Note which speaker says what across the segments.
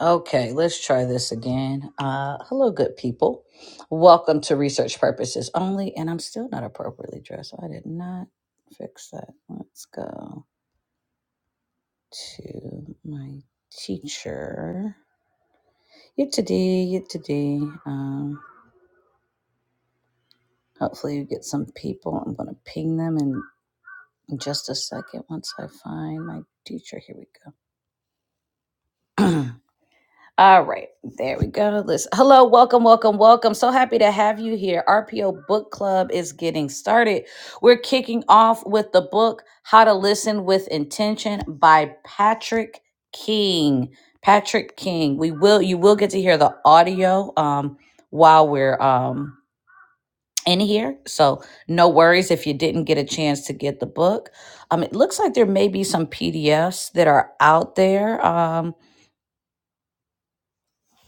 Speaker 1: Okay, let's try this again. Uh, hello, good people. Welcome to Research Purposes Only. And I'm still not appropriately dressed. so I did not fix that. Let's go to my teacher. You to D, you to D. Um, hopefully, you get some people. I'm going to ping them in just a second once I find my teacher. Here we go. All right, there we go. Listen, hello, welcome, welcome, welcome. So happy to have you here. RPO Book Club is getting started. We're kicking off with the book How to Listen with Intention by Patrick King. Patrick King. We will you will get to hear the audio um while we're um in here. So no worries if you didn't get a chance to get the book. Um it looks like there may be some PDFs that are out there. Um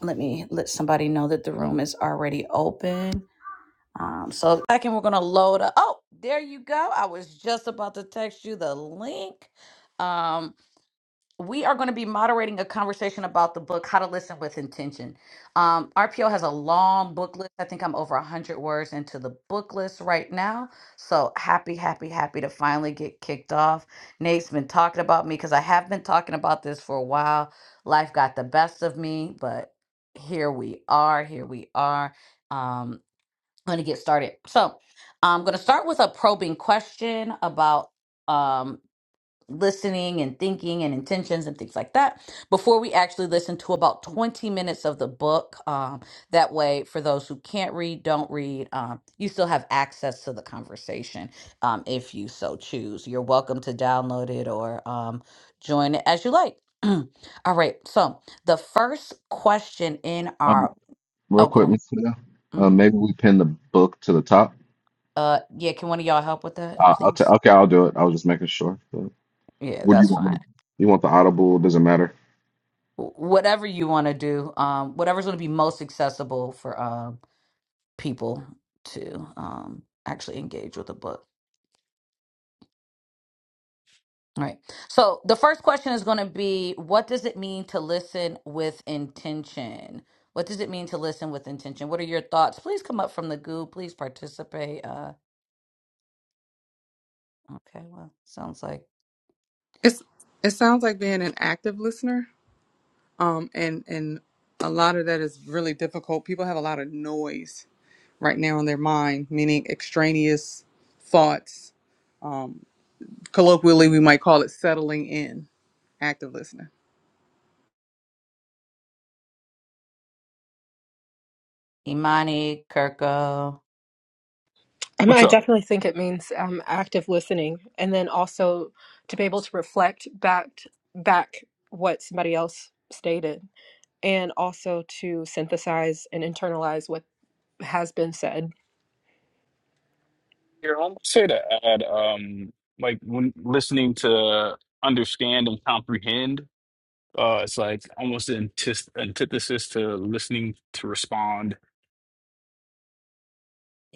Speaker 1: let me let somebody know that the room is already open. Um, so second, we're gonna load up. Oh, there you go. I was just about to text you the link. Um, we are going to be moderating a conversation about the book how to listen with intention um, rpo has a long book list i think i'm over 100 words into the book list right now so happy happy happy to finally get kicked off nate's been talking about me because i have been talking about this for a while life got the best of me but here we are here we are um, going to get started so i'm going to start with a probing question about um, listening and thinking and intentions and things like that before we actually listen to about 20 minutes of the book. Um, that way, for those who can't read, don't read, um, you still have access to the conversation um, if you so choose. You're welcome to download it or um, join it as you like. All right. So, the first question in
Speaker 2: Um,
Speaker 1: our.
Speaker 2: real
Speaker 1: Oh,
Speaker 2: quick,
Speaker 1: go.
Speaker 2: Miss Cleo, uh,
Speaker 1: hmm
Speaker 2: maybe we pin the book to the top.
Speaker 1: Uh, yeah. Can one of y'all help with that,
Speaker 2: Uh, I'll ta
Speaker 1: please?
Speaker 2: okay, I'll do it. I was just making sure. So,
Speaker 1: Yeah,
Speaker 2: what do you
Speaker 1: that's
Speaker 2: want
Speaker 1: fine.
Speaker 2: me to? You want the audible? Doesn't matter.
Speaker 1: wh- whatever you want to do, um, whatever's going to be most accessible for uh, people to um, actually engage with the book. All right. So the first question is going to be what does it mean to listen with intention? What does it mean to listen with intention? What are your thoughts? Please come up from the goo. Please participate. Uh, okay. Well, sounds like
Speaker 3: It's it sounds like being an active listener. Um and and a lot of that is really difficult. People have a lot of noise right now in their mind, meaning extraneous thoughts. Um colloquially we might call it settling in, active listening.
Speaker 1: Imani, Kirko.
Speaker 4: I mean,
Speaker 5: What's
Speaker 4: I
Speaker 5: up?
Speaker 4: definitely think it means um, active listening, and then also to be able to reflect back back what somebody else stated, and also to synthesize and internalize what has been said.
Speaker 5: Here, I want say to add, um, like when listening to understand and comprehend, uh, it's like almost an antis- antithesis to listening to respond.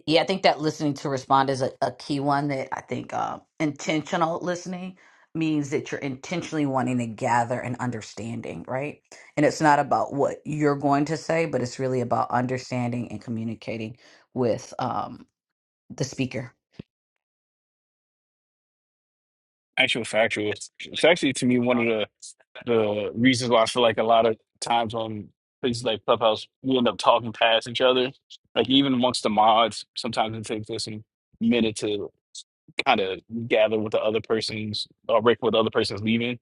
Speaker 1: Yeah, I think that listening to respond is a, a key one that I think uh, intentional listening means that you're intentionally wanting to gather an understanding, right? And it's not about what you're going to say, but it's really about understanding and communicating with um, the speaker.
Speaker 5: Actual factual. It's it's actually to me one of the the reasons why I feel like a lot of times on places like Clubhouse, we end up talking past each other. Like even amongst the mods, sometimes it takes us a minute to kind of gather what the other person's or break what the other person's leaving.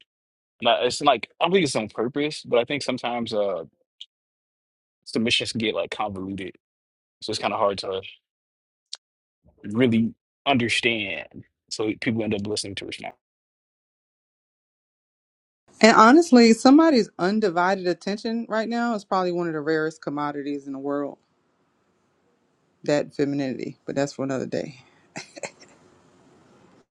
Speaker 5: Not, it's like I don't think it's on purpose, but I think sometimes uh submissions get like convoluted, so it's kind of hard to really understand. So people end up listening to us now.
Speaker 3: And honestly, somebody's undivided attention right now is probably one of the rarest commodities in the world, that femininity. But that's for another day.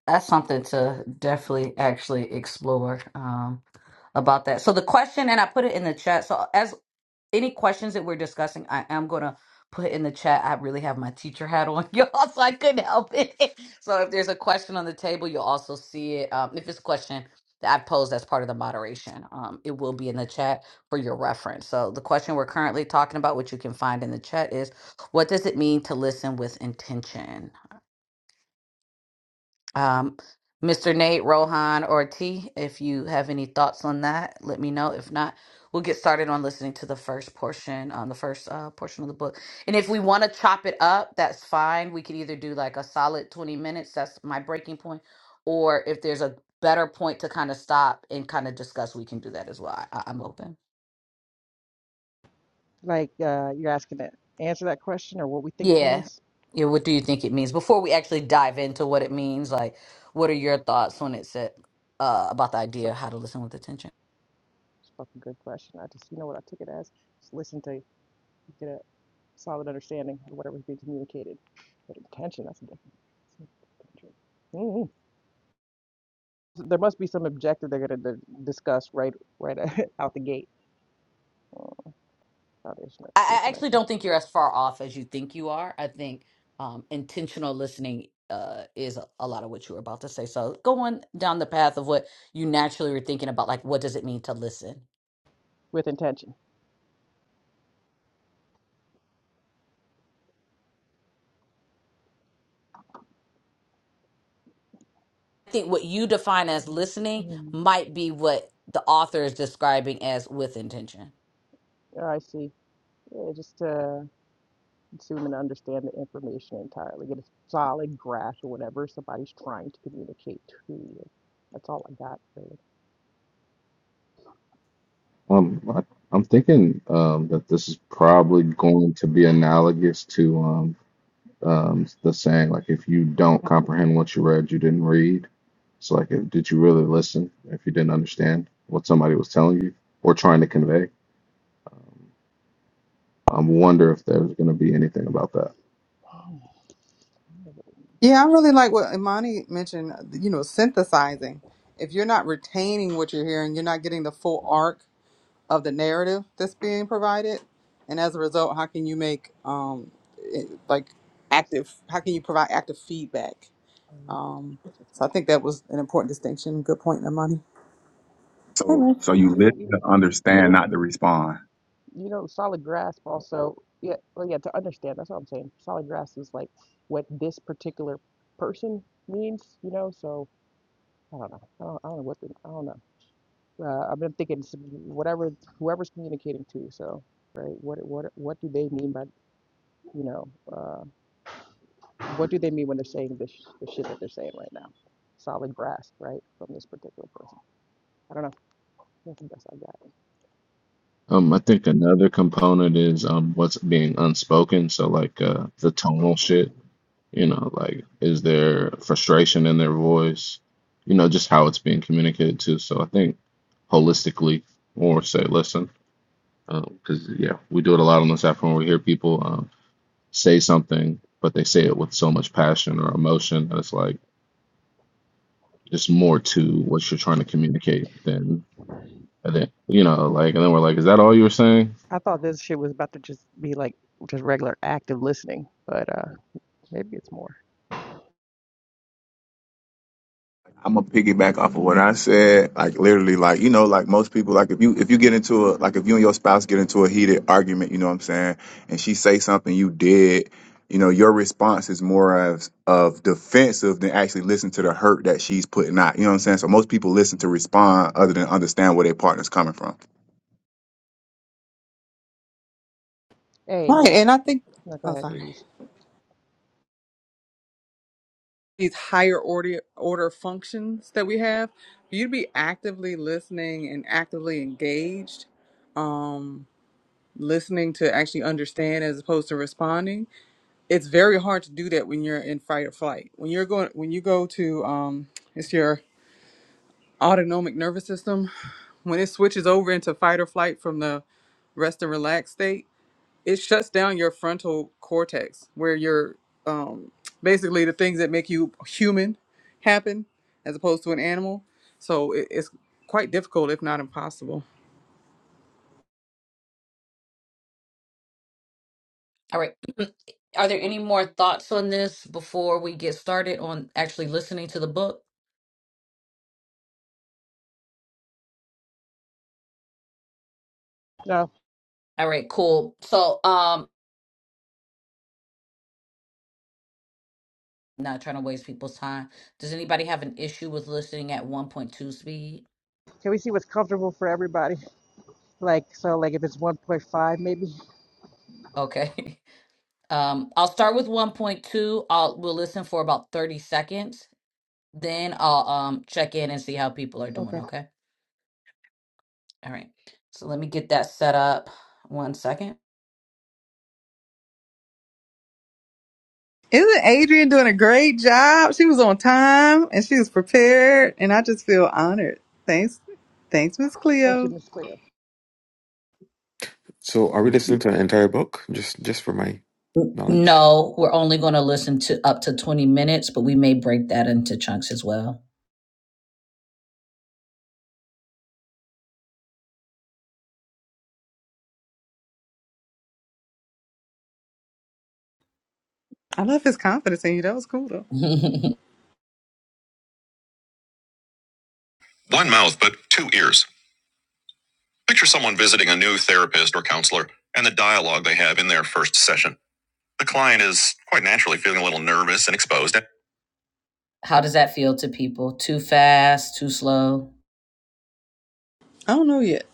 Speaker 1: that's something to definitely actually explore um, about that. So the question, and I put it in the chat. So as any questions that we're discussing, I am gonna put in the chat. I really have my teacher hat on, y'all, so I couldn't help it. So if there's a question on the table, you'll also see it. Um, if it's a question that I posed as part of the moderation, um, it will be in the chat for your reference. So the question we're currently talking about, which you can find in the chat, is what does it mean to listen with intention? Um, Mr. Nate, Rohan, or T, if you have any thoughts on that, let me know. If not, we'll get started on listening to the first portion, on the first uh, portion of the book. And if we want to chop it up, that's fine. We could either do like a solid 20 minutes, that's my breaking point, or if there's a better point to kind of stop and kind of discuss, we can do that as well. I, I- I'm open.
Speaker 6: Like uh, you're asking to answer that question or what we think it
Speaker 1: Yeah.
Speaker 6: means.
Speaker 1: Yeah, what do you think it means? Before we actually dive into what it means, like, what are your thoughts when it said uh, about the idea
Speaker 6: So
Speaker 1: of how to listen with attention?
Speaker 6: it's a fucking good question. I just, you know what I took it as? Just listen to get a solid understanding of whatever's being communicated. But intention, that's a different. that's a Mm. There must be some objective they're going to discuss right right out the gate. Oh, foundation of true
Speaker 1: I, I actually
Speaker 6: connection
Speaker 1: don't think you're as far off as you think you are. I think um, intentional listening uh, is a, a lot of what you were about to say. So going down the path of what you naturally were thinking about, like what does it mean to listen?
Speaker 6: with intention.
Speaker 1: I think what you define as listening
Speaker 6: Mm.
Speaker 1: might be what the author is describing as with intention.
Speaker 6: Yeah, I see. Yeah, just uh, consume and understand the information entirely. Get a solid grasp of whatever somebody's trying to communicate to you. That's all I got, really.
Speaker 2: Um, I, I'm thinking um that this is probably going to be analogous to um um the saying like if you don't comprehend what you read, you didn't read. So like, if, did you really listen? If you didn't understand what somebody was telling you or trying to convey, um, I wonder if there's going to be anything about that.
Speaker 3: Yeah, I really like what Imani mentioned, you know, synthesizing. If you're not retaining what you're hearing, you're not getting the full arc of the narrative that's being provided. And as a result, how can you make um it- like
Speaker 6: Yes,
Speaker 3: active how can you provide active feedback?
Speaker 6: um, that's what
Speaker 3: Um
Speaker 6: that's what
Speaker 3: so I think
Speaker 6: I got.
Speaker 3: that was an important distinction. Good point, Imani. Hey,
Speaker 7: So
Speaker 3: man.
Speaker 7: so you
Speaker 6: Yeah,
Speaker 7: listen
Speaker 6: you,
Speaker 7: to understand, not to respond.
Speaker 6: know, solid grasp also, yeah, well, yeah, to understand, that's what I'm saying. Solid grasp is like what this particular person means, you know, so I don't know. I don't, I don't know what the, I don't know. Uh, I've been thinking whatever, whoever's communicating to you, so, right, what, what, what do they mean by, you know, uh, What do they mean when they're saying this, the shit that they're saying right now? Solid grasp, right, from this particular person. I don't know. That's the best I got.
Speaker 2: Um, I think another component is um what's being unspoken. So like uh the tonal shit, you know, like is there frustration in their voice? You know, just how it's being communicated to. So I think holistically, or say, listen, because yeah, we do it a lot on this app when we hear people um, say something, but they say it with so much passion or emotion that it's like. It's more to what you're trying to communicate than, and then you know, like, and then we're like, is that all you were saying?
Speaker 6: I thought this shit was about to just be like just regular active listening, but uh, maybe it's more.
Speaker 7: I'm gonna piggyback off of what I said. Like literally, like you know, like most people, like if you if you get into a like if you and your spouse get into a heated argument, you know what I'm saying, and she say something you did, you know, your response is more of of defensive than actually listen to the hurt that she's putting out. You know what I'm saying? So most people listen to respond other than understand where their partner's coming from.
Speaker 6: Hey,
Speaker 3: Right.
Speaker 6: this,
Speaker 3: And I think
Speaker 6: no, go
Speaker 3: oh
Speaker 6: ahead,
Speaker 3: sorry.
Speaker 6: ladies.
Speaker 3: These higher order order functions that we have, you'd be actively listening and actively engaged. Um listening to actually understand as opposed to responding it's very hard to do that when you're in fight or flight when you're going when you go to um it's your autonomic nervous system when it switches over into fight or flight from the rest and relax state it shuts down your frontal cortex where your um basically the things that make you human happen as opposed to an animal so it, it's quite difficult if not impossible
Speaker 1: All right. Are there any more thoughts on this before we get started on actually listening to the book?
Speaker 6: No,
Speaker 1: All right, cool. So, um, not trying to waste people's time. Does anybody have an issue with listening at 1.2 speed?
Speaker 6: can we see what's comfortable for everybody? Like, so, like, if it's 1.5, maybe.
Speaker 1: Okay. Um, I'll start with 1.2. I'll we'll listen for about 30 seconds. Then I'll um check in and see how people are doing,
Speaker 6: Okay.
Speaker 1: okay? All right. So let me get that set up. One second.
Speaker 3: Isn't Adrian doing a great job? She was on time and she was prepared, and I just feel honored. Thanks, thanks, Miss
Speaker 6: Thank you,
Speaker 3: Cleo.
Speaker 6: Miss Cleo.
Speaker 8: So are we listening to an entire book? Just just for my
Speaker 1: N-
Speaker 8: knowledge.
Speaker 1: No, we're only going to listen to up to 20 minutes, but we may break that into chunks as well.
Speaker 3: I love his confidence in you. That was cool though.
Speaker 1: One mouth, but two ears. Picture someone visiting a new therapist or counselor and the dialogue they have in their first session. The client is quite naturally feeling a little nervous and exposed. How does that feel to people? Too fast, too slow?
Speaker 3: I don't know yet.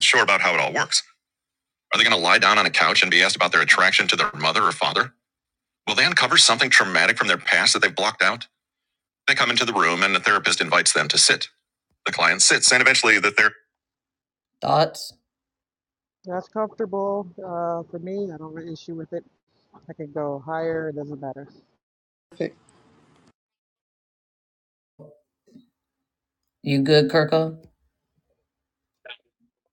Speaker 1: Sure about how it all works. Are they going to lie down on a couch and be asked about their attraction to their mother or father? Will they uncover something traumatic from their past that they've blocked out? They come into the room and the therapist invites them to sit. The client sits and eventually the therapist. Thoughts?
Speaker 6: That's comfortable uh, for me. I don't have an issue with it. I can go higher. It doesn't matter.
Speaker 3: Perfect.
Speaker 1: You good, Kirko?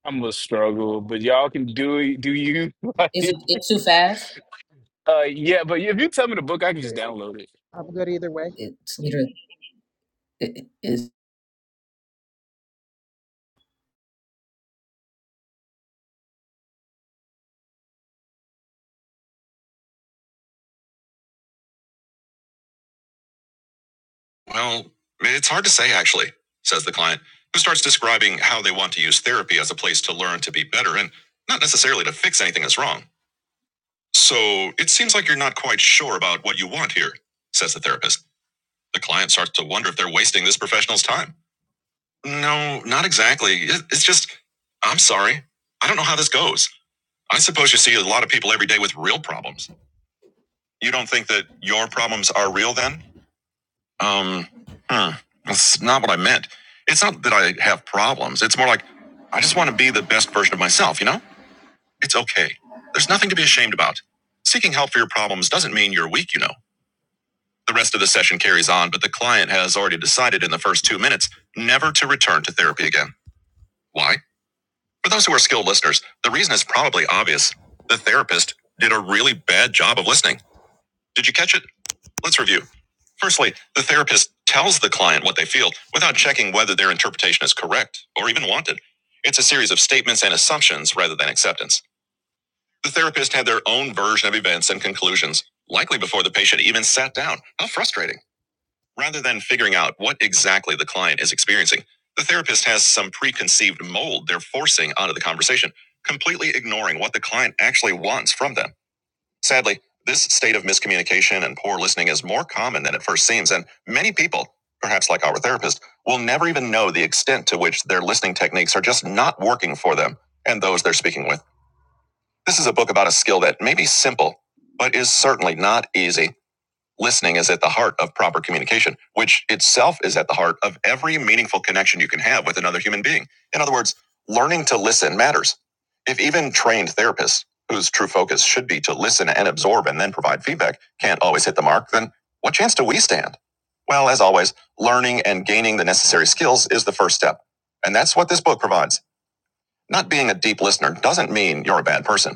Speaker 5: I'm gonna struggle, but y'all can do it. Do you?
Speaker 1: Is
Speaker 5: Like,
Speaker 1: it, it too fast?
Speaker 5: uh, yeah, but if you tell me the book, I can just download it.
Speaker 6: I'm good either way.
Speaker 1: Its leader i- i- is Well, it's hard to say, actually, says the client, who starts describing how they want to use therapy as a place to learn to be better and not necessarily to fix anything that's wrong. So it seems like you're not quite sure about what you want here, says the therapist. The client starts to wonder if they're wasting this professional's time. No, not exactly. It's just, I'm sorry. I don't know how this goes. I suppose you see a lot of people every day with real problems. You don't think that your problems are real then? Um, hmm. That's not what I meant. It's not that I have problems. It's more like I just want to be the best version of myself, you know? It's okay. There's nothing to be ashamed about. Seeking help for your problems doesn't mean you're weak, you know. The rest of the session carries on, but the client has already decided in the first two minutes never to return to therapy again. Why? For those who are skilled listeners, the reason is probably obvious. The therapist did a really bad job of listening. Did you catch it? Let's review. Firstly, the therapist tells the client what they feel without checking whether their interpretation is correct or even wanted. It's a series of statements and assumptions rather than acceptance. The therapist had their own version of events and conclusions, likely before the patient even sat down. How frustrating. Rather than figuring out what exactly the client is experiencing, the therapist has some preconceived mold they're forcing onto the conversation, completely ignoring what the client actually wants from them. Sadly, this state of miscommunication and poor listening is more common than it first seems, and many people, perhaps like our therapist, will never even know the extent to which their listening techniques are just not working for them and those they're speaking with. This is a book about a skill that may be simple, but is certainly not easy. Listening is at the heart of proper communication, which itself is at the heart of every meaningful connection you can have with another human being. In other words, learning to listen matters. If even trained therapists, whose true focus should be to listen and absorb and then provide feedback, can't always hit the mark, then what chance do we stand? Well, as always, learning and gaining the necessary skills is the first step. And that's what this book provides. Not being a deep listener doesn't mean you're a bad person.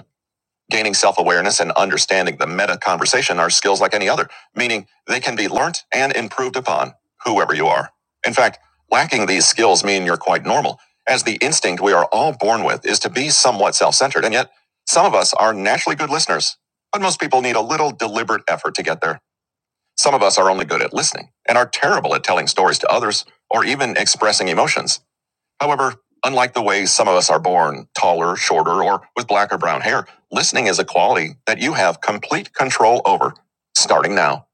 Speaker 1: Gaining self awareness and understanding the meta conversation are skills like any other, meaning they can be learnt and improved upon, whoever you are. In fact, lacking these skills mean you're quite normal, as the instinct we are all born with is to be somewhat self centered, and yet some of us are naturally good listeners. But most people need a little deliberate effort to get there. Some of us are only good at listening and are terrible at telling stories to others or even expressing emotions. However, unlike the way some of us are born, taller, shorter, or with black or brown hair, listening is a quality that you have complete control over. Starting now,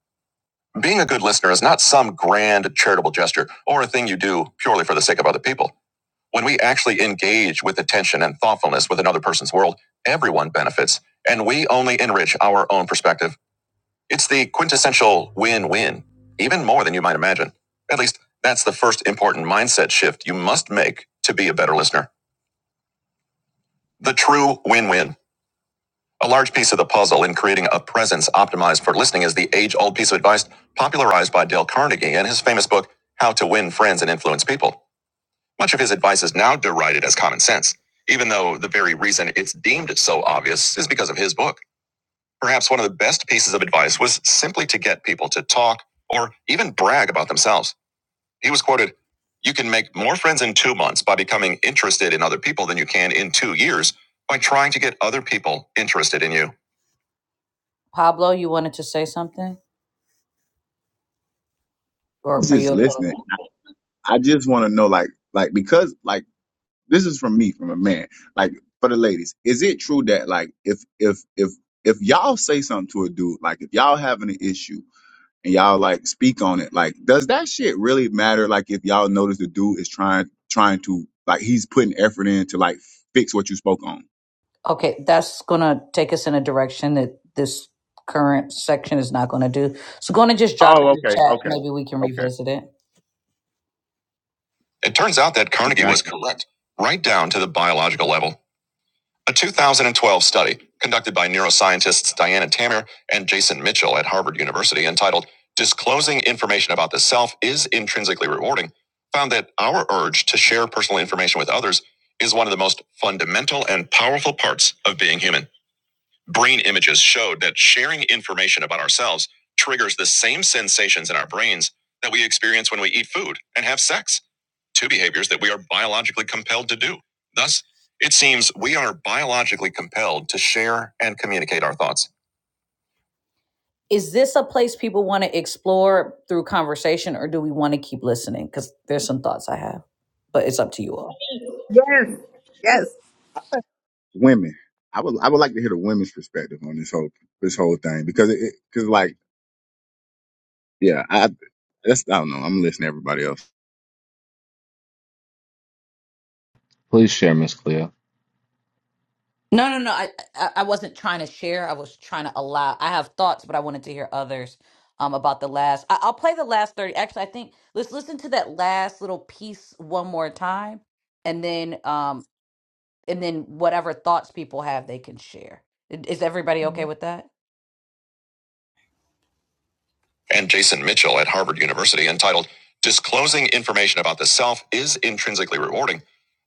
Speaker 1: being a good listener is not some grand charitable gesture or a thing you do purely for the sake of other people. When we actually engage with attention and thoughtfulness with another person's world, everyone benefits, and we only enrich our own perspective. It's the quintessential win win, even more than you might imagine. At least, that's the first important mindset shift you must make to be a better listener. The true win win. A large piece of the puzzle in creating a presence optimized for listening is the age old piece of advice popularized by Dale Carnegie in his famous book, How to Win Friends and Influence People. Much of his advice is now derided as common sense, even though the very reason it's deemed so obvious is because of his book. Perhaps one of the best pieces of advice was simply to get people to talk or even brag about themselves. He was quoted, You can make more friends in two months by becoming interested in other people than you can in two years by trying to get other people interested in you. Pablo, you wanted to say something?
Speaker 7: I
Speaker 1: Or
Speaker 7: was
Speaker 1: are
Speaker 7: just
Speaker 1: you
Speaker 7: listening. I just want to know, like, like because like this is from me, from a man. Like for the ladies, is it true that like if if if if y'all say something to a dude, like if y'all having an issue and y'all like speak on it, like does that shit really matter? Like if y'all notice the dude is trying trying to like he's putting effort in to like fix what you spoke on.
Speaker 1: okay? That's going to take us in a direction that this current section is not going to do. So, going to just drop
Speaker 7: Oh,
Speaker 1: it in the chat.
Speaker 7: okay,
Speaker 1: Maybe we can
Speaker 7: okay.
Speaker 1: revisit it. It turns out that
Speaker 7: Okay,
Speaker 1: Carnegie
Speaker 7: I
Speaker 1: was
Speaker 7: can.
Speaker 1: correct, right down to the biological level. A 2012 study conducted by neuroscientists Diana Tamir and Jason Mitchell at Harvard University entitled Disclosing Information About the Self is Intrinsically Rewarding found that our urge to share personal information with others is one of the most fundamental and powerful parts of being human. Brain images showed that sharing information about ourselves triggers the same sensations in our brains that we experience when we eat food and have sex, two behaviors that we are biologically compelled to do. Thus, it seems we are biologically compelled to share and communicate our thoughts. Is this a place people want to explore through conversation or do we want to keep listening? Because there's some thoughts I have, but it's up to you all.
Speaker 3: Yes. Yes,
Speaker 7: women. I would I would like to hear the women's perspective on this whole this whole thing because it because like yeah I that's I don't know I'm listening to everybody else.
Speaker 2: Please share, Miss Cleo.
Speaker 1: No, no, no. I, I I wasn't trying to share. I was trying to allow. I have thoughts, but I wanted to hear others um about the last. I, I'll play the last 30. Actually, I think let's listen to that last little piece one more time and then um and then whatever thoughts people have they can share. I- Is everybody
Speaker 6: hmm
Speaker 1: okay with that? and Jason Mitchell at Harvard University entitled Disclosing Information About the Self is Intrinsically Rewarding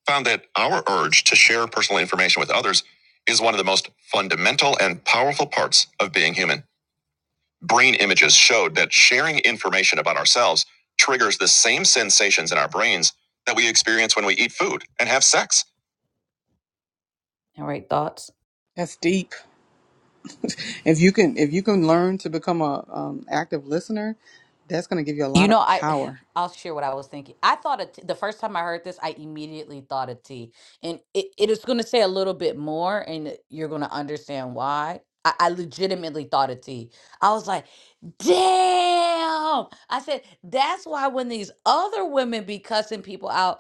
Speaker 1: found that our urge to share personal information with others is one of the most fundamental and powerful parts of being human. Brain images showed that sharing information about ourselves triggers the same sensations in our brains that we experience when we eat food and have sex. All right, thoughts?
Speaker 3: that's deep. If you can, if you can learn to become a um, active listener, that's going to give you a
Speaker 1: You
Speaker 3: lot
Speaker 1: know,
Speaker 3: of
Speaker 1: I
Speaker 3: power.
Speaker 1: I'll share what I was thinking. I thought of t- the first time I heard this, I immediately thought of tea, and it, it is going to say a little bit more, and it- you're going to understand why. I, I legitimately thought of tea. I was like, "Damn!" I said, "That's why when these other women be cussing people out,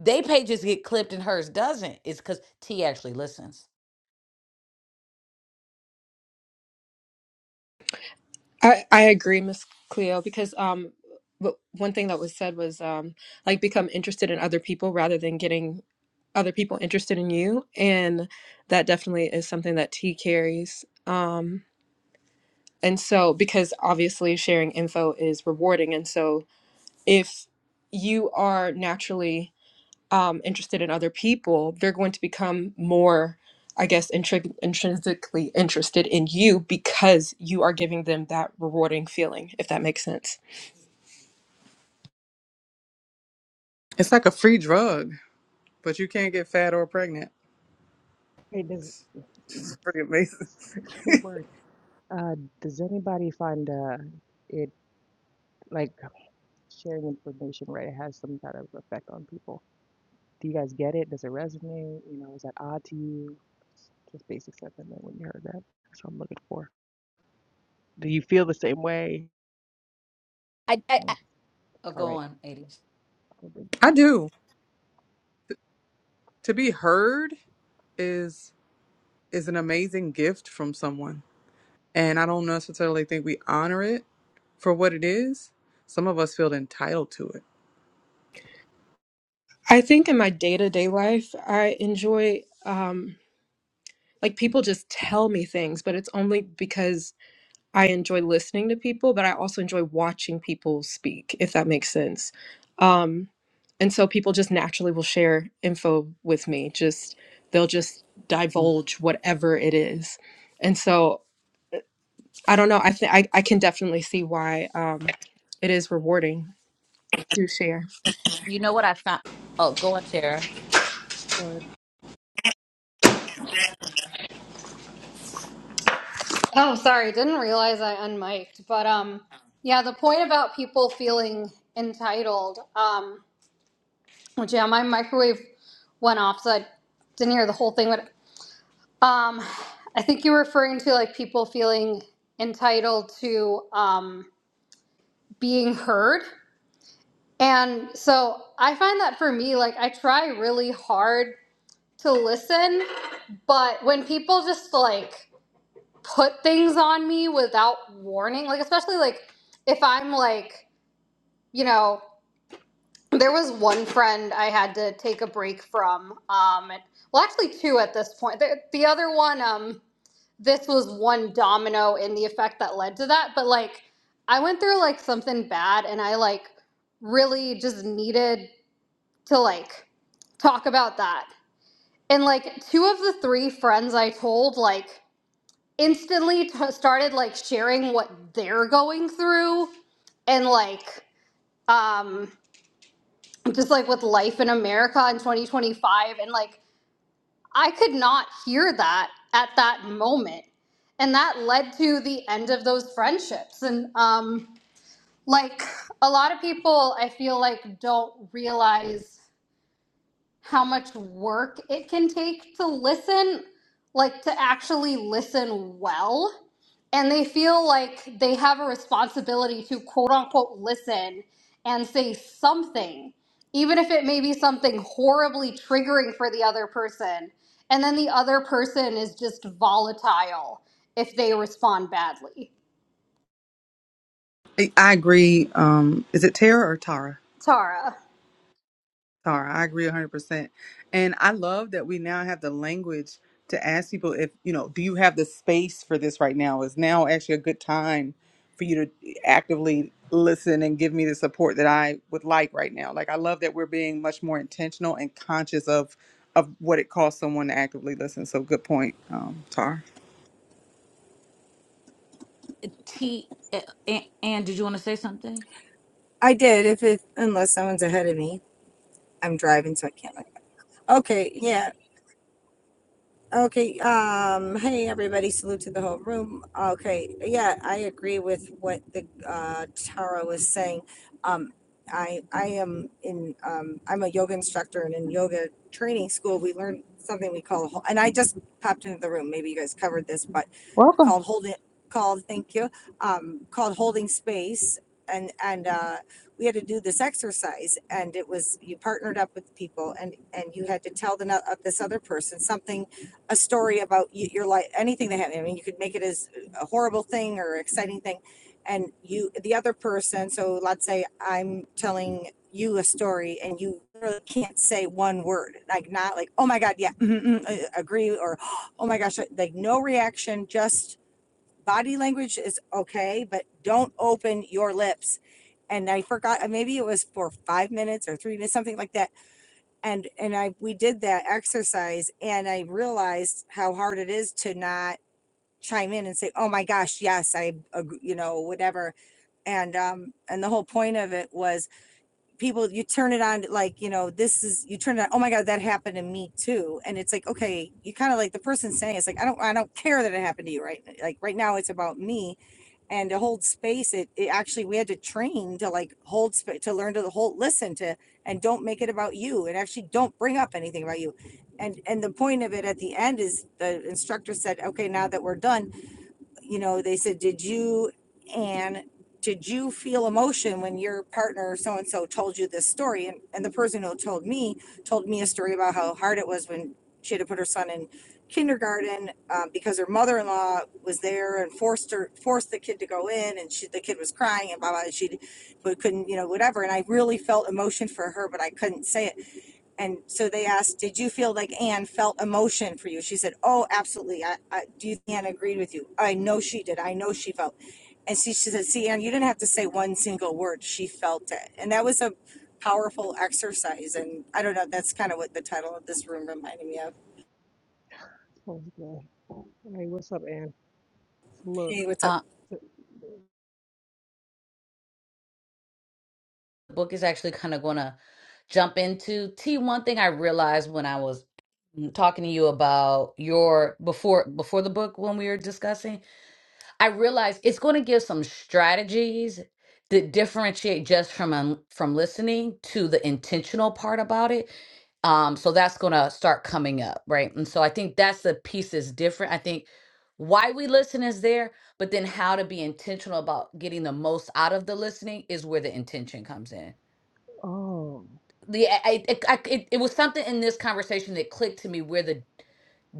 Speaker 1: they pages get clipped and hers doesn't. It's because T actually listens."
Speaker 4: I, I agree, Miss Cleo, because um, w- one thing that was said was um, like become interested in other people rather than getting other people interested in you, and that definitely is something that T carries. Um, and so because obviously sharing info is rewarding and so if you are naturally um, interested in other people, they're going to become more, I guess, intri- intrinsically interested in you because you are giving them that rewarding feeling, if that makes sense.
Speaker 3: It's like a free drug, but you can't get fat or pregnant.
Speaker 6: Hey, does
Speaker 3: It's pretty amazing.
Speaker 6: word. Uh, does anybody find uh, it like sharing information, right? It has some kind of effect on people. Do you guys get it? Does it resonate? You know, is that odd to you? Just basic stuff. And then when you heard that, that's what I'm looking for. Do you feel the same way?
Speaker 1: I, I, I
Speaker 6: Mm,
Speaker 1: oh,
Speaker 6: All
Speaker 1: go
Speaker 6: right.
Speaker 1: on, eighties.
Speaker 6: I'll bring
Speaker 3: I do. To be heard is is an amazing gift from someone. And I don't necessarily think we honor it for what it is. Some of us feel entitled to it.
Speaker 4: I think in my day to day life, I enjoy, um, like, people just tell me things, but it's only because I enjoy listening to people, but I also enjoy watching people speak, if that makes sense. Um, and so people just naturally will share info with me. Just they'll just divulge whatever it is. And so I don't know. I think I I can definitely see why um, it is rewarding to share.
Speaker 1: You know what I found? Oh, go on, Tara.
Speaker 6: Lord,
Speaker 9: Oh, sorry, didn't realize I unmiked. But um, yeah, the point about people feeling entitled. Um, which yeah, my microwave went off, so I didn't hear the whole thing. But um, I think you're referring to like people feeling entitled to um being heard, and so I find that for me, like I try really hard to listen, but when people just like put things on me without warning. Like, especially like if I'm like, you know, there was one friend I had to take a break from. Um, and, well, actually, two at this point. The, the other one, um, this was one domino in the effect that led to that. But like, I went through like something bad and I like really just needed to like talk about that. And like, two of the three friends I told, like, instantly t- started like sharing what they're going through and like um just like with life in America in 2025 and like I could not hear that at that moment and that led to the end of those friendships and um like a lot of people I feel like don't realize how much work it can take to listen, like to actually listen well. And they feel like they have a responsibility to quote unquote listen and say something, even if it may be something horribly triggering for the other person. And then the other person is just volatile if they respond badly.
Speaker 3: I I agree. Um, is it Tara or Tara?
Speaker 9: Tara
Speaker 3: Tara. I agree 100%. And I love that we now have the language to ask people if, you know, do you have the space for this right now? Is now actually a good time for you to actively listen and give me the support that I would like right now? Like, I love that we're being much more intentional and conscious of of what it costs someone to actively listen. So good point, um, Tara.
Speaker 1: T, uh, and, and did you want to say something?
Speaker 10: I did, if it, unless someone's ahead of me. I'm driving, so I can't. look. Okay, yeah, Okay, um, hey everybody, salute to the whole room. Okay, yeah, I agree with what the uh Tara was saying. Um I I am in um I'm a yoga instructor and in yoga training school we learn something we call a hol- and I just popped into the room, maybe you guys covered this, but
Speaker 3: Welcome.
Speaker 10: called holding called thank you, um called holding space and and uh we had to do this exercise and it was you partnered up with people and and you had to tell the no- uh, this other person something a story about your life, anything that happened. I mean, you could make it as a horrible thing or exciting thing. And you, the other person, so let's say I'm telling you a story and you really can't say one word, like not like, oh my God, yeah, mm, mm, uh, agree, or oh my gosh, like like, no reaction, just body language is okay, but don't open your lips. And I forgot, uh, maybe it was for five minutes or three minutes, something like that and and i we did that exercise and i realized how hard it is to not chime in and say oh my gosh yes i agree," you know whatever and um and the whole point of it was people you turn it on like you know this is you turn it on oh my god that happened to me too and it's like okay you kind of like the person saying it's like i don't i don't care that it happened to you right like right now it's about me and to hold space it, it actually we had to train to like hold space to learn to the whole listen to and don't make it about you and actually don't bring up anything about you and and the point of it at the end is the instructor said okay now that we're done you know, they said, did you, Anne, did you feel emotion when your partner so-and-so told you this story? And, and the person who told me, told me a story about how hard it was when she had to put her son in kindergarten um, because her mother-in-law was there and forced her, forced the kid to go in and she, the kid was crying and blah, blah, and she but couldn't, you know, whatever. And I really felt emotion for her, but I couldn't say it. And so they asked, "Did you feel like Anne felt emotion for you?" She said, "Oh, absolutely. I, I do. You think Anne agreed with you. I know she did. I know she felt." And she, she said, "See, Anne, you didn't have to say one single word. She felt it." And that was a powerful exercise. And I don't know. That's kind of what the title of this room reminded me of.
Speaker 6: oh, God. Hey, what's up, Ann? Look,
Speaker 10: Hey, what's up?
Speaker 1: Uh, the book is actually kind of going to jump into T. One thing I realized when I was mm, talking to you about your before before the book when we were discussing, I realized it's going to give some strategies that differentiate just from um, from listening to the intentional part about it. Um, so that's going to start coming up, right? And so I think that's the piece that's different. I think why we listen is there, but then how to be intentional about getting the most out of the listening is where the intention comes in.
Speaker 6: oh,
Speaker 1: the I, I, I it, it was something in this conversation that clicked to me where the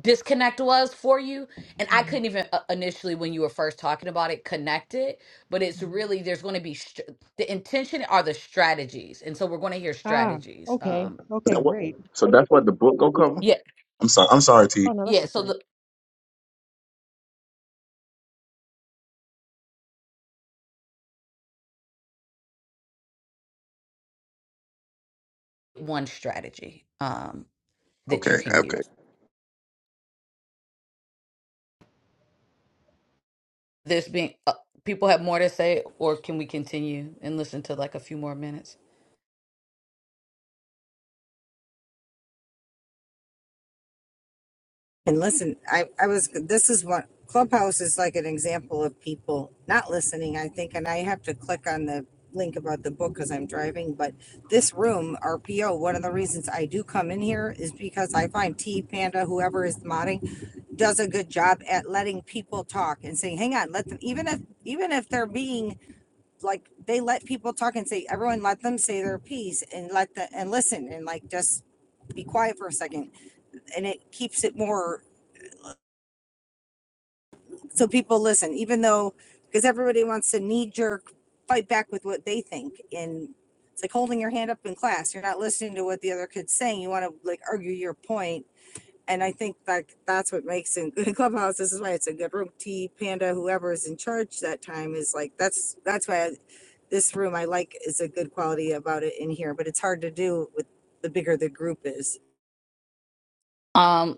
Speaker 1: disconnect was for you and i
Speaker 6: mm,
Speaker 1: couldn't even uh, initially when you were first talking about it connect it but it's really there's going to be str the intention are the strategies and so we're going to hear
Speaker 6: ah,
Speaker 1: strategies
Speaker 6: okay,
Speaker 1: um
Speaker 7: Is
Speaker 6: okay,
Speaker 7: that what?
Speaker 6: great.
Speaker 7: So that's what the book gonna cover.
Speaker 1: yeah
Speaker 7: I'm sorry. I'm sorry, T.
Speaker 6: Oh no, that's
Speaker 1: yeah so
Speaker 6: okay.
Speaker 1: the one strategy um that
Speaker 7: Okay.
Speaker 1: you can
Speaker 7: Okay.
Speaker 1: use this being uh, people have more to say or can we continue and listen to like a few more minutes
Speaker 10: And listen, I, I was, this is what Clubhouse is like an example of people not listening, I think. And I have to click on the link about the book because I'm driving. But this room, RPO, one of the reasons I do come in here is because I find T Panda, whoever is modding, does a good job at letting people talk and saying, hang on, let them, even if, even if they're being like, they let people talk and say, everyone let them say their piece and let the, and listen and like just be quiet for a second and it keeps it more so people listen, even though, because everybody wants to knee jerk fight back with what they think. And it's like holding your hand up in class. You're not listening to what the other kid's saying. You want to like argue your point. And I think like that's what makes in clubhouse. This is why it's a good room. T Panda, whoever is in charge that time, is like that's that's why I, this room I like is a good quality about it in here. But it's hard to do with the bigger the group is.
Speaker 1: um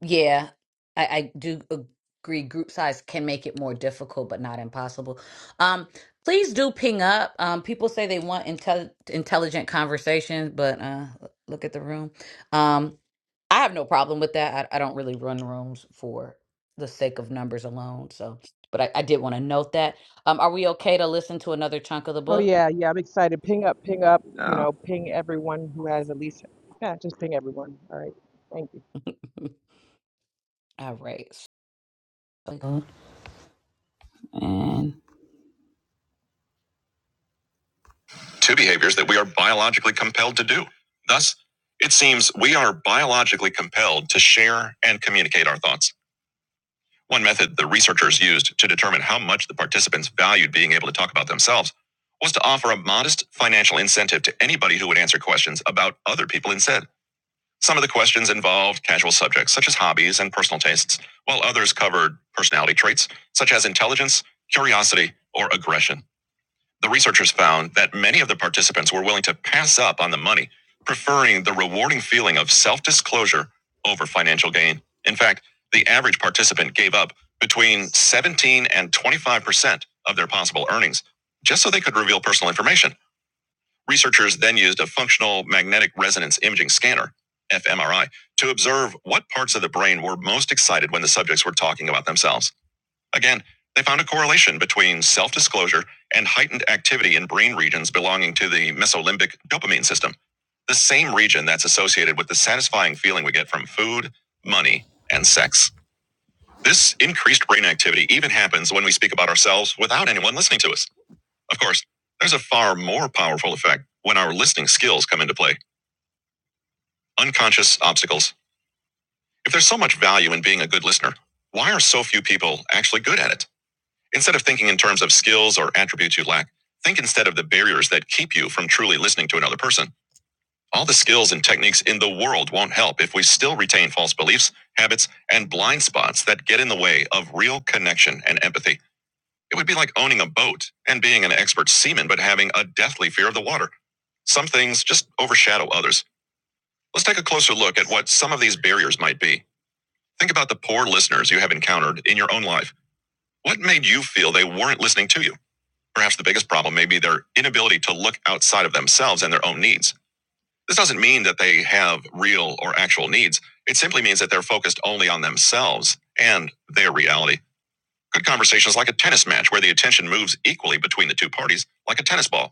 Speaker 1: Yeah, I, I do agree. Group size can make it more difficult, but not impossible. Um, please do ping up. Um, people say they want intel intelligent conversations, but uh, look at the room. Um, I have no problem with that. I, I don't really run rooms for the sake of numbers alone. So, but I, I did want to note that. Um, are we okay to listen to another chunk of the
Speaker 6: Oh
Speaker 1: book?
Speaker 6: yeah, yeah, I'm excited. Ping up, ping up, you
Speaker 7: Nah.
Speaker 6: know, ping everyone who has at least, yeah, just ping everyone. All right, thank you.
Speaker 1: All right. so- And two behaviors that we are biologically compelled to do. Thus, it seems we are biologically compelled to share and communicate our thoughts. One method the researchers used to determine how much the participants valued being able to talk about themselves was to offer a modest financial incentive to anybody who would answer questions about other people instead. Some of the questions involved casual subjects such as hobbies and personal tastes, while others covered personality traits such as intelligence, curiosity, or aggression. The researchers found that many of the participants were willing to pass up on the money, preferring the rewarding feeling of self disclosure over financial gain. In fact, the average participant gave up between 17 and 25% of their possible earnings just so they could reveal personal information. Researchers then used a functional magnetic resonance imaging scanner, fMRI, to observe what parts of the brain were most excited when the subjects were talking about themselves. Again, they found a correlation between self disclosure and heightened activity in brain regions belonging to the mesolimbic dopamine system, the same region that's associated with the satisfying feeling we get from food, money, and sex. This increased brain activity even happens when we speak about ourselves without anyone listening to us. Of course, there's a far more powerful effect when our listening skills come into play unconscious obstacles. If there's so much value in being a good listener, why are so few people actually good at it? Instead of thinking in terms of skills or attributes you lack, think instead of the barriers that keep you from truly listening to another person. All the skills and techniques in the world won't help if we still retain false beliefs, habits, and blind spots that get in the way of real connection and empathy. It would be like owning a boat and being an expert seaman but having a deathly fear of the water. Some things just overshadow others. Let's take a closer look at what some of these barriers might be. Think about the poor listeners you have encountered in your own life. What made you feel they weren't listening to you? Perhaps the biggest problem may be their inability to look outside of themselves and their own needs. This doesn't mean that they have real or actual needs. It simply means that they're focused only on themselves and their reality. Good conversation is like a tennis match where the attention moves equally between the two parties, like a tennis ball.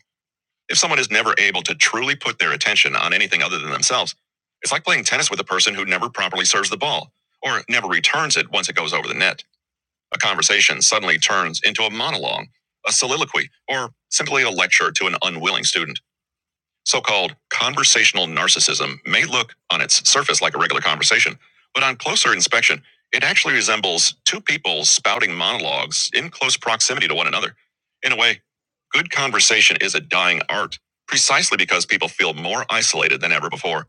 Speaker 1: If someone is never able to truly put their attention on anything other than themselves, it's like playing tennis with a person who never properly serves the ball or never returns it once it goes over the net. A conversation suddenly turns into a monologue, a soliloquy, or simply a lecture to an unwilling student. So called conversational narcissism may look on its surface like a regular conversation, but on closer inspection, it actually resembles two people spouting monologues in close proximity to one another. In a way, good conversation is a dying art, precisely because people feel more isolated than ever before.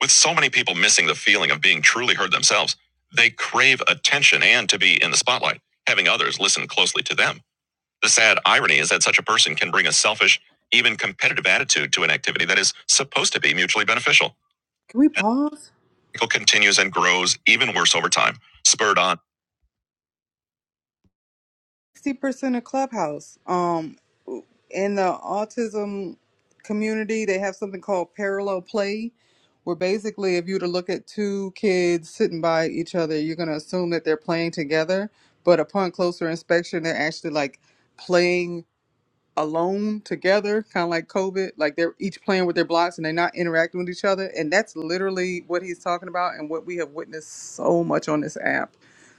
Speaker 1: With so many people missing the feeling of being truly heard themselves, they crave attention and to be in the spotlight, having others listen closely to them. The sad irony is that such a person can bring a selfish, even competitive attitude to an activity that is supposed to be mutually beneficial.
Speaker 3: Can we
Speaker 1: And
Speaker 3: pause?
Speaker 1: the cycle continues and grows even worse over time, spurred on.
Speaker 3: Sixty percent of Clubhouse. Um, in the autism community, they have something called parallel play, where basically, if you were to look at two kids sitting by each other, you're going to assume that they're playing together. But upon closer inspection, they're actually like playing alone together, kind of like COVID, like they're each playing with their blocks and they're not interacting with each other. And that's literally what he's talking about and what we have witnessed so much on this app.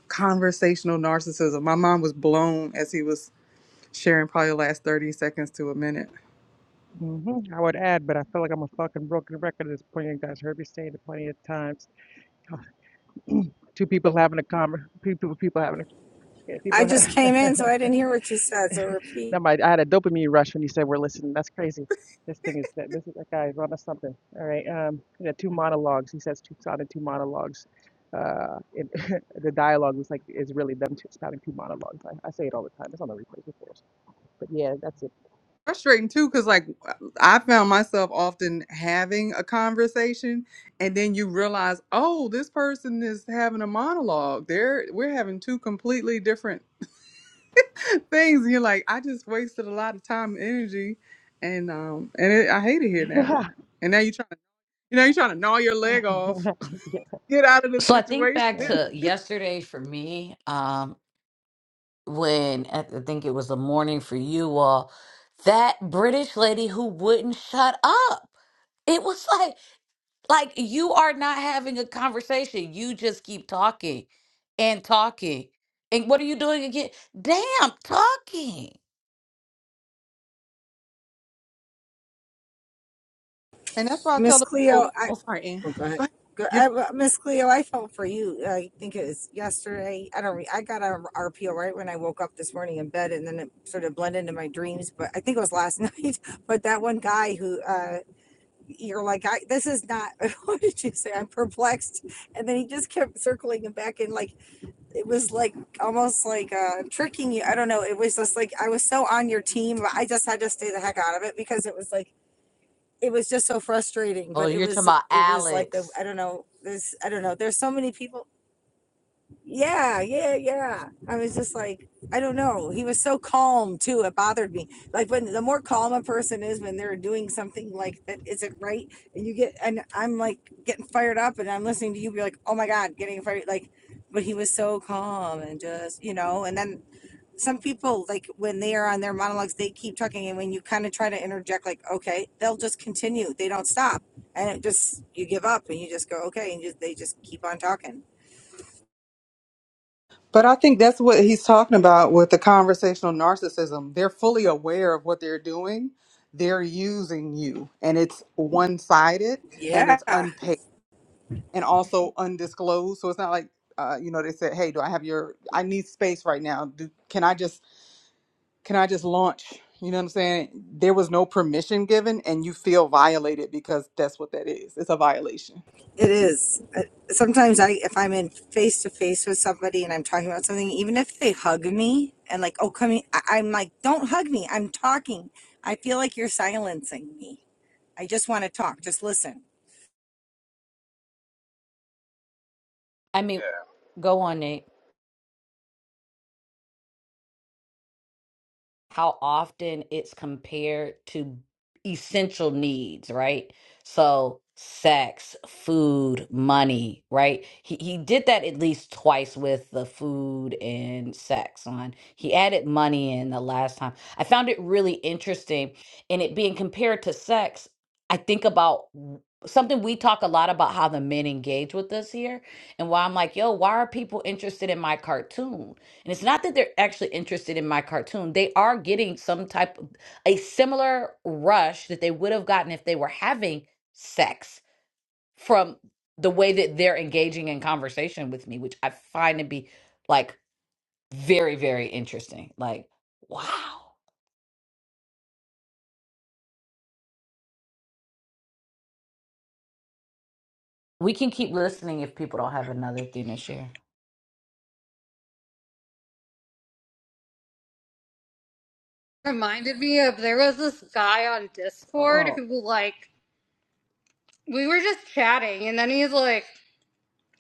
Speaker 3: Conversational narcissism. My mind was blown as he was sharing probably the last 30 seconds to a minute.
Speaker 6: Mm-hmm. I would add, but I feel like I'm a fucking broken record at this point. You guys heard me say it plenty of times. Two people having a conver, people, people having a, yeah,
Speaker 10: I
Speaker 6: people.
Speaker 10: just came
Speaker 6: Ha-
Speaker 10: in, so I didn't hear what you said. So repeat.
Speaker 6: That my I had a dopamine rush when you said we're listening. That's crazy. This thing is that this is that guy run on something. All right. Um, yeah, two monologues. He says two sounded two monologues. Uh, it, the dialogue was like is really them two spouting two monologues. I, I say it all the time. It's on the replays, of course. But yeah, that's it.
Speaker 3: Frustrating too, because like I found myself often having a conversation and then you realize, oh, this person is having a monologue. They're we're having two completely different things. And you're like, I just wasted a lot of time and energy, and um, and it, I hate it here now. And now you're trying to, you know, you're trying to gnaw your leg off,
Speaker 6: yeah.
Speaker 3: get out of the
Speaker 1: So I think
Speaker 3: situation.
Speaker 1: back to
Speaker 6: Uh,
Speaker 1: yesterday for me, um, when I th- think it was the morning for you all, that British lady who wouldn't shut up. It was like Like you are not having a conversation. You just keep talking and talking. And what are you doing again? Damn, talking.
Speaker 3: And that's why I tell
Speaker 10: Miss
Speaker 3: the
Speaker 10: Cleo,
Speaker 3: people. Oh,
Speaker 10: I
Speaker 3: sorry, Ann.
Speaker 10: oh, go ahead.
Speaker 3: Go ahead.
Speaker 10: Go,
Speaker 3: you
Speaker 10: I, well, Miss Cleo, I felt for you. I think it was yesterday. I don't. re- I got on RPO right when I woke up this morning in bed, and then it sort of blended into my dreams. But I think it was last night. But that one guy who uh, you're like, I, this is not. What did you say? I'm perplexed. And then he just kept circling it back, and like it was like almost like uh, tricking you. I don't know. It was just like I was so on your team, but I just had to stay the heck out of it because it was like it was just so frustrating,
Speaker 1: Oh,
Speaker 10: but it
Speaker 1: you're talking
Speaker 10: was,
Speaker 1: about
Speaker 10: it was like the,
Speaker 1: Alex.
Speaker 10: I don't know, there's, I don't know, there's so many people. Yeah, yeah, yeah. I was just like, I don't know. He was so calm too. It bothered me. Like when the more calm a person is when they're doing something like that isn't right and you get, and I'm like getting fired up and I'm listening to you be like, oh my God, getting fired. Like, but he was so calm and just, you know, and then some people like when they are on their monologues they keep talking and when you kind of try to interject like okay they'll just continue they don't stop and it just you give up and you just go okay and you, they just keep on talking
Speaker 3: But I think that's what he's talking about with the conversational narcissism. They're fully aware of what they're doing. They're using you, and it's one sided and
Speaker 10: yeah
Speaker 3: it's unpaid. and also undisclosed. So it's not like uh, you know they said, "Hey, do I have your? I need space right now. Do, can I just can I just launch?" You know what I'm saying? There was no permission given, and you feel violated because that's what that is. It's a violation.
Speaker 10: it is Uh, sometimes i if i'm in face to face with somebody and i'm talking about something even if they hug me and like oh come here, I, i'm like don't hug me i'm talking i feel like you're silencing me i just want to talk just listen
Speaker 1: I mean, go on, Nate. how often it's compared to essential needs, right? So sex, food, money, right? He he did that at least twice with the food and sex on. He added money in the last time. I found it really interesting and it being compared to sex, I think about w- something we talk a lot about how the men engage with us here and why I'm like, "Yo, why are people interested in my cartoon?" And it's not that they're actually interested in my cartoon. They are getting some type of a similar rush that they would have gotten if they were having sex from the way that they're engaging in conversation with me, which I find to be like very, very interesting. Like, wow. We can keep listening if people don't have another thing to share.
Speaker 9: reminded me of there was this guy on Discord
Speaker 6: oh,
Speaker 9: who, like, we were just chatting, and then he's like,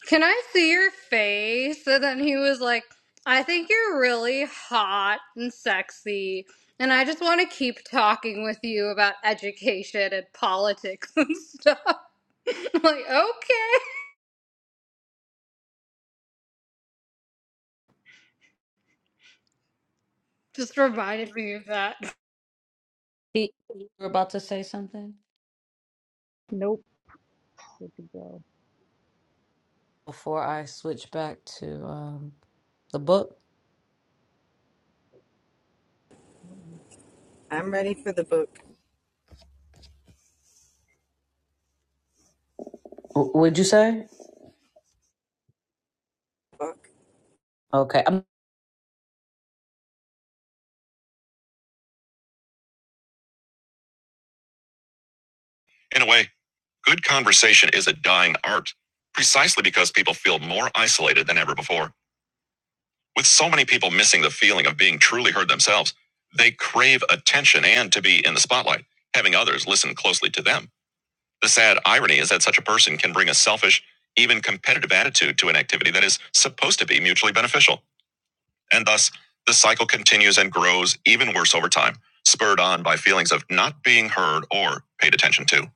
Speaker 9: Can I see your face? And then he was like, I think you're really hot and sexy. And I just want to keep talking with you about education and politics and stuff. I'm like, okay. Just reminded me of that.
Speaker 1: Pete, you were about to say something
Speaker 6: nope. Where'd you go?
Speaker 1: before I switch back to um, the book.
Speaker 10: i'm ready for the book
Speaker 1: W- would you say?
Speaker 10: book
Speaker 1: Okay. I'm- In a way. Good conversation is a dying art, precisely because people feel more isolated than ever before. With so many people missing the feeling of being truly heard themselves, they crave attention and to be in the spotlight, having others listen closely to them. The sad irony is that such a person can bring a selfish, even competitive attitude to an activity that is supposed to be mutually beneficial. And thus, the cycle continues and grows even worse over time, spurred on by feelings of not being heard or paid attention to.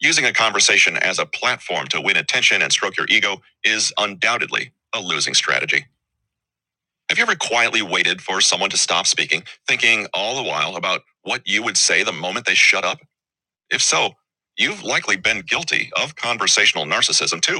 Speaker 1: Using a conversation as a platform to win attention and stroke your ego is undoubtedly a losing strategy. Have you ever quietly waited for someone to stop speaking, thinking all the while about what you would say the moment they shut up? If so, you've likely been guilty of conversational narcissism too.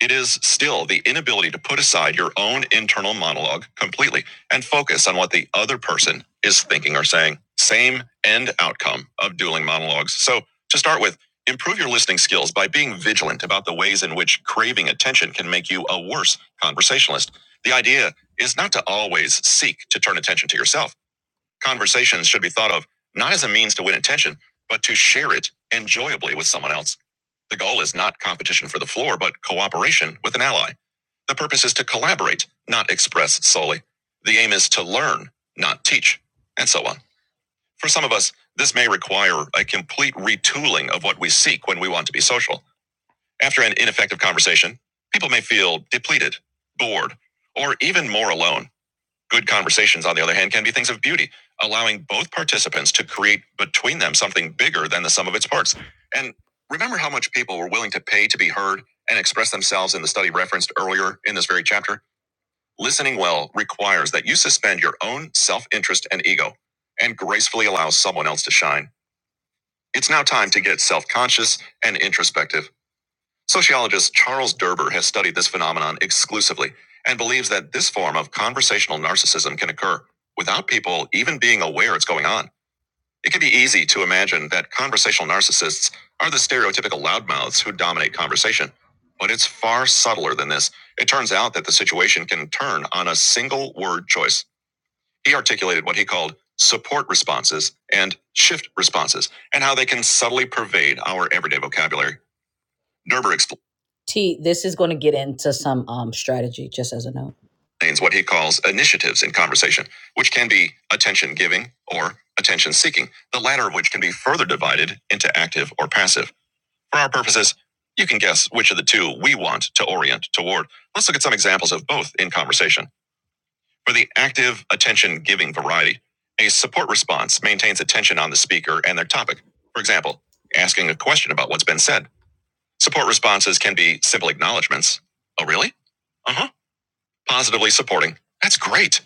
Speaker 1: It is still the inability to put aside your own internal monologue completely and focus on what the other person is thinking or saying. Same end outcome of dueling monologues. So, to start with, improve your listening skills by being vigilant about the ways in which craving attention can make you a worse conversationalist. The idea is not to always seek to turn attention to yourself Conversations should be thought of not as a means to win attention, but to share it enjoyably with someone else. The goal is not competition for the floor, but cooperation with an ally. The purpose is to collaborate, not express solely. The aim is to learn, not teach, and so on. For some of us, this may require a complete retooling of what we seek when we want to be social. After an ineffective conversation, people may feel depleted, bored, or even more alone. Good conversations, on the other hand, can be things of beauty, allowing both participants to create between them something bigger than the sum of its parts. And remember how much people were willing to pay to be heard and express themselves in the study referenced earlier in this very chapter? Listening well requires that you suspend your own self interest and ego and gracefully allow someone else to shine. It's now time to get self conscious and introspective. Sociologist Charles Derber has studied this phenomenon exclusively and believes that this form of conversational narcissism can occur without people even being aware it's going on. It can be easy to imagine that conversational narcissists are the stereotypical loudmouths who dominate conversation. But it's far subtler than this. It turns out that the situation can turn on a single word choice. He articulated what he called support responses and shift responses, and how they can subtly pervade our everyday vocabulary. Gerber explains T, this is going to get into some um, strategy, just as a note. what he calls initiatives in conversation, which can be attention giving or attention seeking, the latter of which can be further divided into active or passive. For our purposes, you can guess which of the two we want to orient toward. Let's look at some examples of both in conversation. For the active attention giving variety, a support response maintains attention on the speaker and their topic. For example, asking a question about what's been said. Support responses can be simple acknowledgments. Oh, really? Uh huh. Positively supporting. That's great.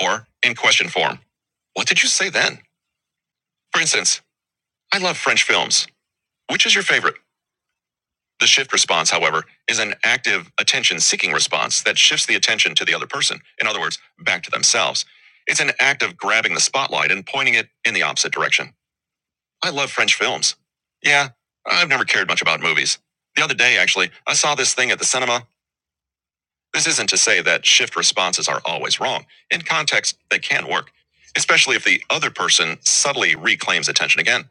Speaker 1: Or in question form. What did you say then? For instance, I love French films. Which is your favorite? The shift response, however, is an active attention seeking response that shifts the attention to the other person. In other words, back to themselves. It's an act of grabbing the spotlight and pointing it in the opposite direction. I love French films. Yeah, I've never cared much about movies. The other day, actually, I saw this thing at the cinema This isn't to say that shift responses are always wrong. In context, they can work, especially if the other person subtly reclaims attention again.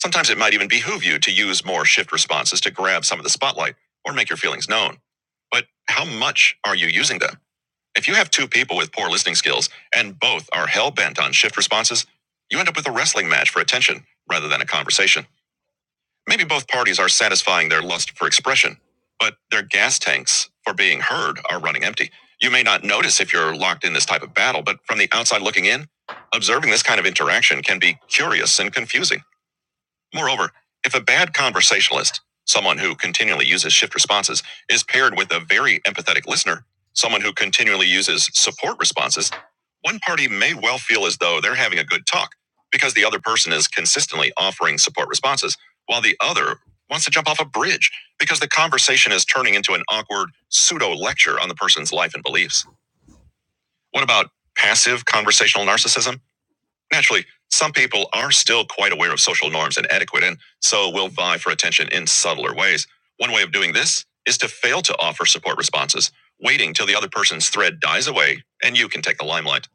Speaker 1: Sometimes it might even behoove you to use more shift responses to grab some of the spotlight or make your feelings known. But how much are you using them? If you have two people with poor listening skills and both are hell bent on shift responses, you end up with a wrestling match for attention rather than a conversation. Maybe both parties are satisfying their lust for expression, but their gas tanks for being heard are running empty. You may not notice if you're locked in this type of battle, but from the outside looking in, observing this kind of interaction can be curious and confusing. Moreover, if a bad conversationalist, someone who continually uses shift responses, is paired with a very empathetic listener, someone who continually uses support responses, one party may well feel as though they're having a good talk because the other person is consistently offering support responses, while the other wants to jump off a bridge because the conversation is turning into an awkward pseudo lecture on the person's life and beliefs. What about passive conversational narcissism? Naturally, some people are still quite aware of social norms and etiquette and so will vie for attention in subtler ways. One way of doing this is to fail to offer support responses, waiting till the other person's thread dies away and you can take the limelight.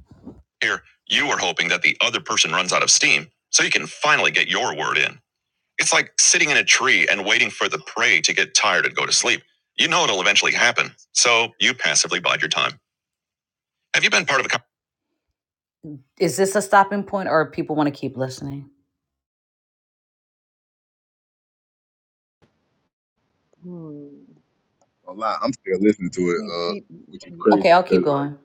Speaker 1: Here, you are hoping that the other person runs out of steam so you can finally get your word in. It's like sitting in a tree and waiting for the prey to get tired and go to sleep. You know it'll eventually happen, so you passively bide your time. Have you been part of a co- Is this a stopping point or people want to keep listening?
Speaker 6: Hmm.
Speaker 7: A lot. I'm still listening to it,
Speaker 6: He,
Speaker 7: uh,
Speaker 6: he,
Speaker 7: which is
Speaker 6: yeah.
Speaker 1: Okay,
Speaker 7: crazy
Speaker 1: I'll
Speaker 7: because
Speaker 1: keep
Speaker 7: like,
Speaker 1: going.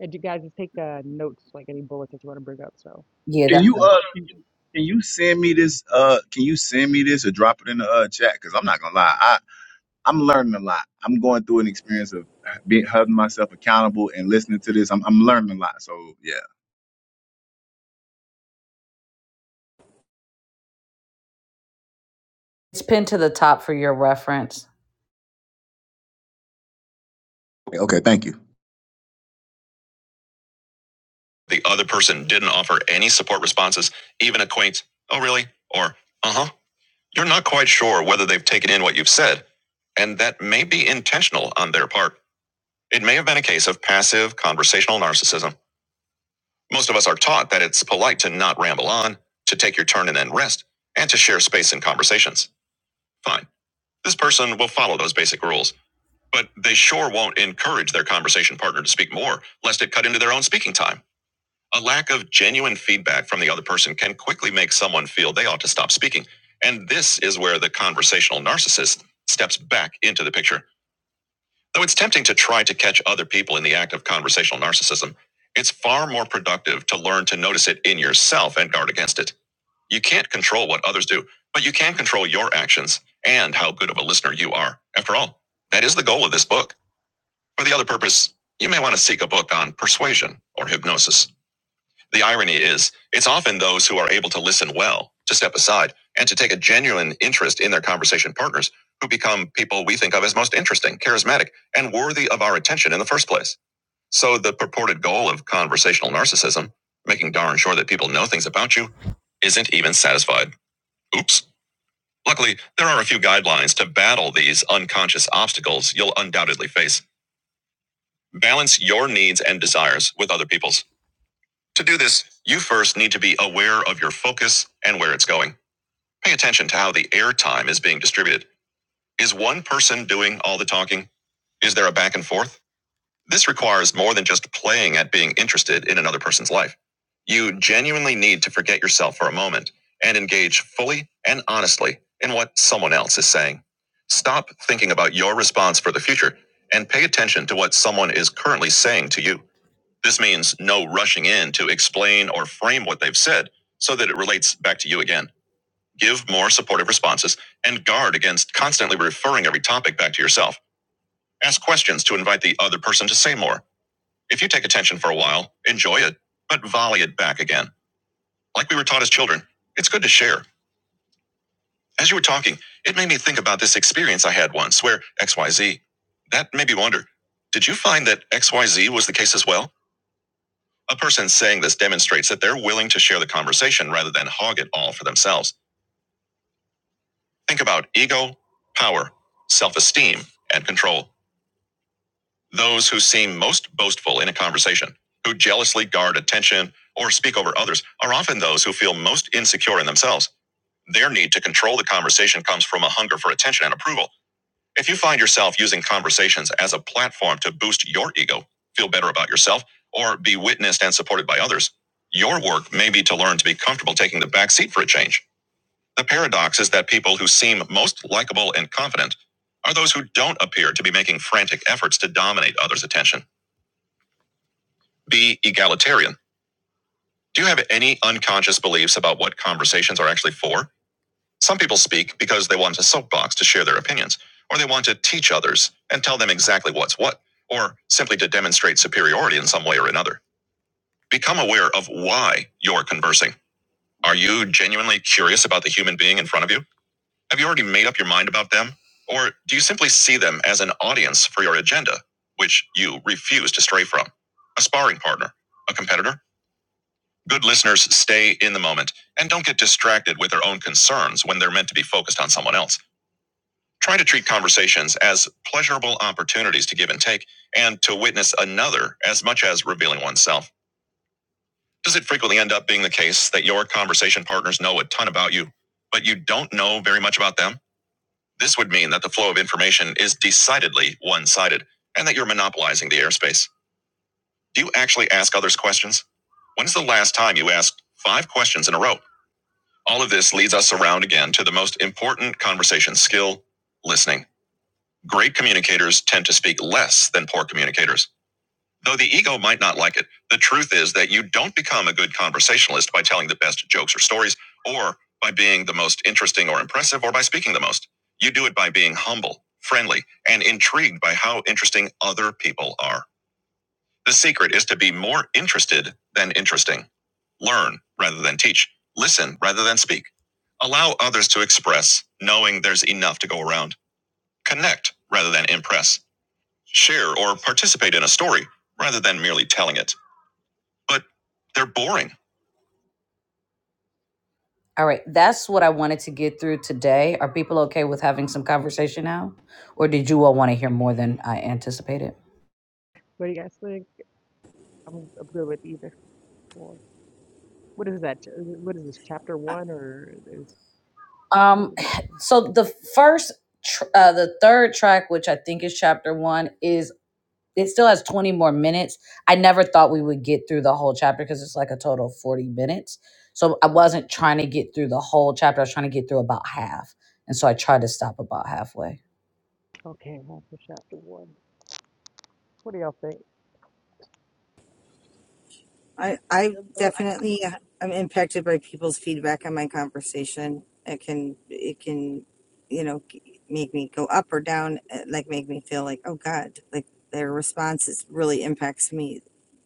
Speaker 6: And you guys just take uh, notes, like any bullets that you want to bring up. So, what
Speaker 1: Yeah,
Speaker 7: can
Speaker 1: that's
Speaker 7: you uh, can,
Speaker 1: right.
Speaker 7: can you send me this uh, can you send me this or drop it in the uh chat? Because I'm not gonna lie, I I'm learning a lot. I'm going through an experience of being holding myself accountable and listening to this. I'm I'm learning a lot. So yeah.
Speaker 1: It's pinned to the top for your reference.
Speaker 7: Okay. okay thank you.
Speaker 1: The other person didn't offer any support responses, even a quaint, oh, really? Or, uh huh. You're not quite sure whether they've taken in what you've said, and that may be intentional on their part. It may have been a case of passive conversational narcissism. Most of us are taught that it's polite to not ramble on, to take your turn and then rest, and to share space in conversations. Fine. This person will follow those basic rules. But they sure won't encourage their conversation partner to speak more, lest it cut into their own speaking time. A lack of genuine feedback from the other person can quickly make someone feel they ought to stop speaking. And this is where the conversational narcissist steps back into the picture. Though it's tempting to try to catch other people in the act of conversational narcissism, it's far more productive to learn to notice it in yourself and guard against it. You can't control what others do, but you can control your actions and how good of a listener you are. After all, that is the goal of this book for the other purpose, you may want to seek a book on persuasion or hypnosis. The irony is, it's often those who are able to listen well, to step aside, and to take a genuine interest in their conversation partners who become people we think of as most interesting, charismatic, and worthy of our attention in the first place. So the purported goal of conversational narcissism, making darn sure that people know things about you, isn't even satisfied. Oops. Luckily, there are a few guidelines to battle these unconscious obstacles you'll undoubtedly face. Balance your needs and desires with other people's. To do this, you first need to be aware of your focus and where it's going. Pay attention to how the airtime is being distributed. Is one person doing all the talking? Is there a back and forth? This requires more than just playing at being interested in another person's life. You genuinely need to forget yourself for a moment and engage fully and honestly in what someone else is saying. Stop thinking about your response for the future and pay attention to what someone is currently saying to you. This means no rushing in to explain or frame what they've said so that it relates back to you again. Give more supportive responses and guard against constantly referring every topic back to yourself. Ask questions to invite the other person to say more. If you take attention for a while, enjoy it, but volley it back again. Like we were taught as children, it's good to share. As you were talking, it made me think about this experience I had once where XYZ. That made me wonder did you find that XYZ was the case as well? A person saying this demonstrates that they're willing to share the conversation rather than hog it all for themselves. Think about ego, power, self esteem, and control. Those who seem most boastful in a conversation, who jealously guard attention or speak over others, are often those who feel most insecure in themselves. Their need to control the conversation comes from a hunger for attention and approval. If you find yourself using conversations as a platform to boost your ego, feel better about yourself, or be witnessed and supported by others, your work may be to learn to be comfortable taking the back seat for a change. The paradox is that people who seem most likable and confident are those who don't appear to be making frantic efforts to dominate others' attention. Be egalitarian. Do you have any unconscious beliefs about what conversations are actually for? Some people speak because they want a soapbox to share their opinions, or they want to teach others and tell them exactly what's what, or simply to demonstrate superiority in some way or another. Become aware of why you're conversing. Are you genuinely curious about the human being in front of you? Have you already made up your mind about them? Or do you simply see them as an audience for your agenda, which you refuse to stray from? A sparring partner, a competitor? Good listeners stay in the moment and don't get distracted with their own concerns when they're meant to be focused on someone else. Try to treat conversations as pleasurable opportunities to give and take and to witness another as much as revealing oneself. Does it frequently end up being the case that your conversation partners know a ton about you, but you don't know very much about them? This would mean that the flow of information is decidedly one sided and that you're monopolizing the airspace. Do you actually ask others questions? When is the last time you asked five questions in a row? All of this leads us around again to the most important conversation skill listening. Great communicators tend to speak less than poor communicators. Though the ego might not like it, the truth is that you don't become a good conversationalist by telling the best jokes or stories, or by being the most interesting or impressive, or by speaking the most. You do it by being humble, friendly, and intrigued by how interesting other people are. The secret is to be more interested than interesting. Learn rather than teach. Listen rather than speak. Allow others to express, knowing there's enough to go around. Connect rather than impress share or participate in a story rather than merely telling it. But they're boring. All right, that's what I wanted to get through today. Are people okay with having some conversation now? Or did you all want to hear more than I anticipated?
Speaker 6: do you guys think? I'm, I'm good with either. Well, what is that? ch- uh, What is this? Chapter one or there's how
Speaker 1: Um
Speaker 6: did
Speaker 1: so the first tr- uh, the third track which I think is chapter 1 is it still has 20 more minutes. I never thought we would get through the whole chapter because it's like a total of 40 minutes. So I wasn't trying to get through the whole chapter. I was trying to get through about half. And so I tried to stop about halfway.
Speaker 6: okay, half chapter one. What do y'all think?
Speaker 10: I, I
Speaker 11: book
Speaker 10: definitely am impacted by people's feedback on my conversation. It can, it can, you know, g- make me go up or down, eh, like make me feel like, oh God, like their responses really impacts me.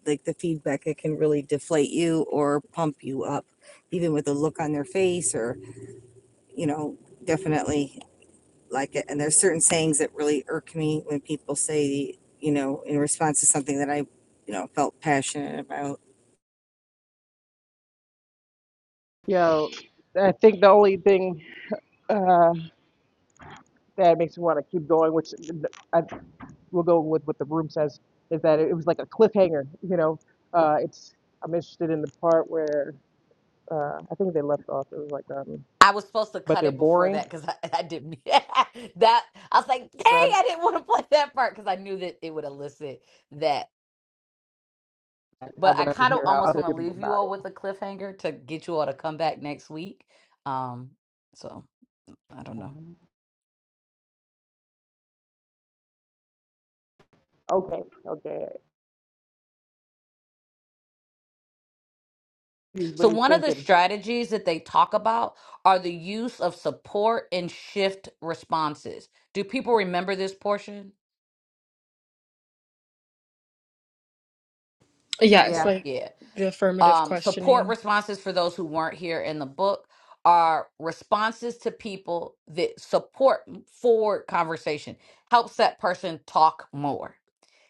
Speaker 10: Like the feedback, it can really deflate you or pump you up, even with a look on their face or, you know, definitely like it. And there's certain sayings that really irk me when people say, you know, in response to something that I, you know, felt passionate about
Speaker 6: Yo, I think the only thing uh, that makes me want to keep going, which I will go with what the room says, is that it was like a cliffhanger. You know, uh, it's I'm interested in the part where uh, I think they left off. It was like, um,
Speaker 1: I was supposed to
Speaker 6: but
Speaker 1: cut
Speaker 6: they're
Speaker 1: it before
Speaker 6: boring.
Speaker 1: that because I, I didn't. that I was like, dang,
Speaker 6: Fred.
Speaker 1: I didn't want to play that part because I knew that it would elicit that.
Speaker 6: I
Speaker 1: But
Speaker 6: would
Speaker 1: I
Speaker 6: like to
Speaker 1: kind of
Speaker 6: hear how
Speaker 1: almost
Speaker 6: other
Speaker 1: want to
Speaker 6: people go
Speaker 1: leave you
Speaker 6: about
Speaker 1: all
Speaker 6: it.
Speaker 1: with a cliffhanger to get you all to come back next week. Um, so I don't know.
Speaker 6: Um, Okay, okay. Jeez,
Speaker 1: So,
Speaker 6: What are you
Speaker 1: one of the
Speaker 6: thinking?
Speaker 1: strategies that they talk about are the use of support and shift responses. Do people remember this portion?
Speaker 4: Yes,
Speaker 6: Yeah.
Speaker 4: like
Speaker 1: Yeah.
Speaker 4: the affirmative
Speaker 1: Um, support
Speaker 4: questioning.
Speaker 1: responses for those who weren't here in the book are responses to people that support forward conversation, helps that person talk more.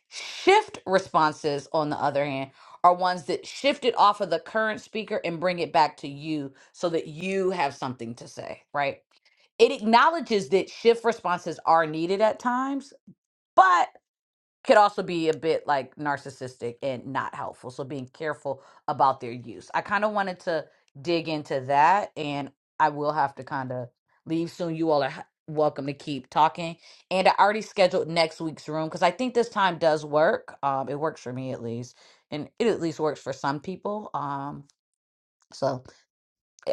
Speaker 1: Shift responses, on the other hand, are ones that shift it off of the current speaker and bring it back to you so that you have something to say, right? It acknowledges that shift responses are needed at times, but could also be a bit like narcissistic and not helpful. So being careful about their use. I kind of wanted to dig into that and I will have to kind of leave soon. You all are h- welcome to keep talking. And I already scheduled next week's room because I think this time does work. Um, it works for me at least, and it at least works for some people. Um, so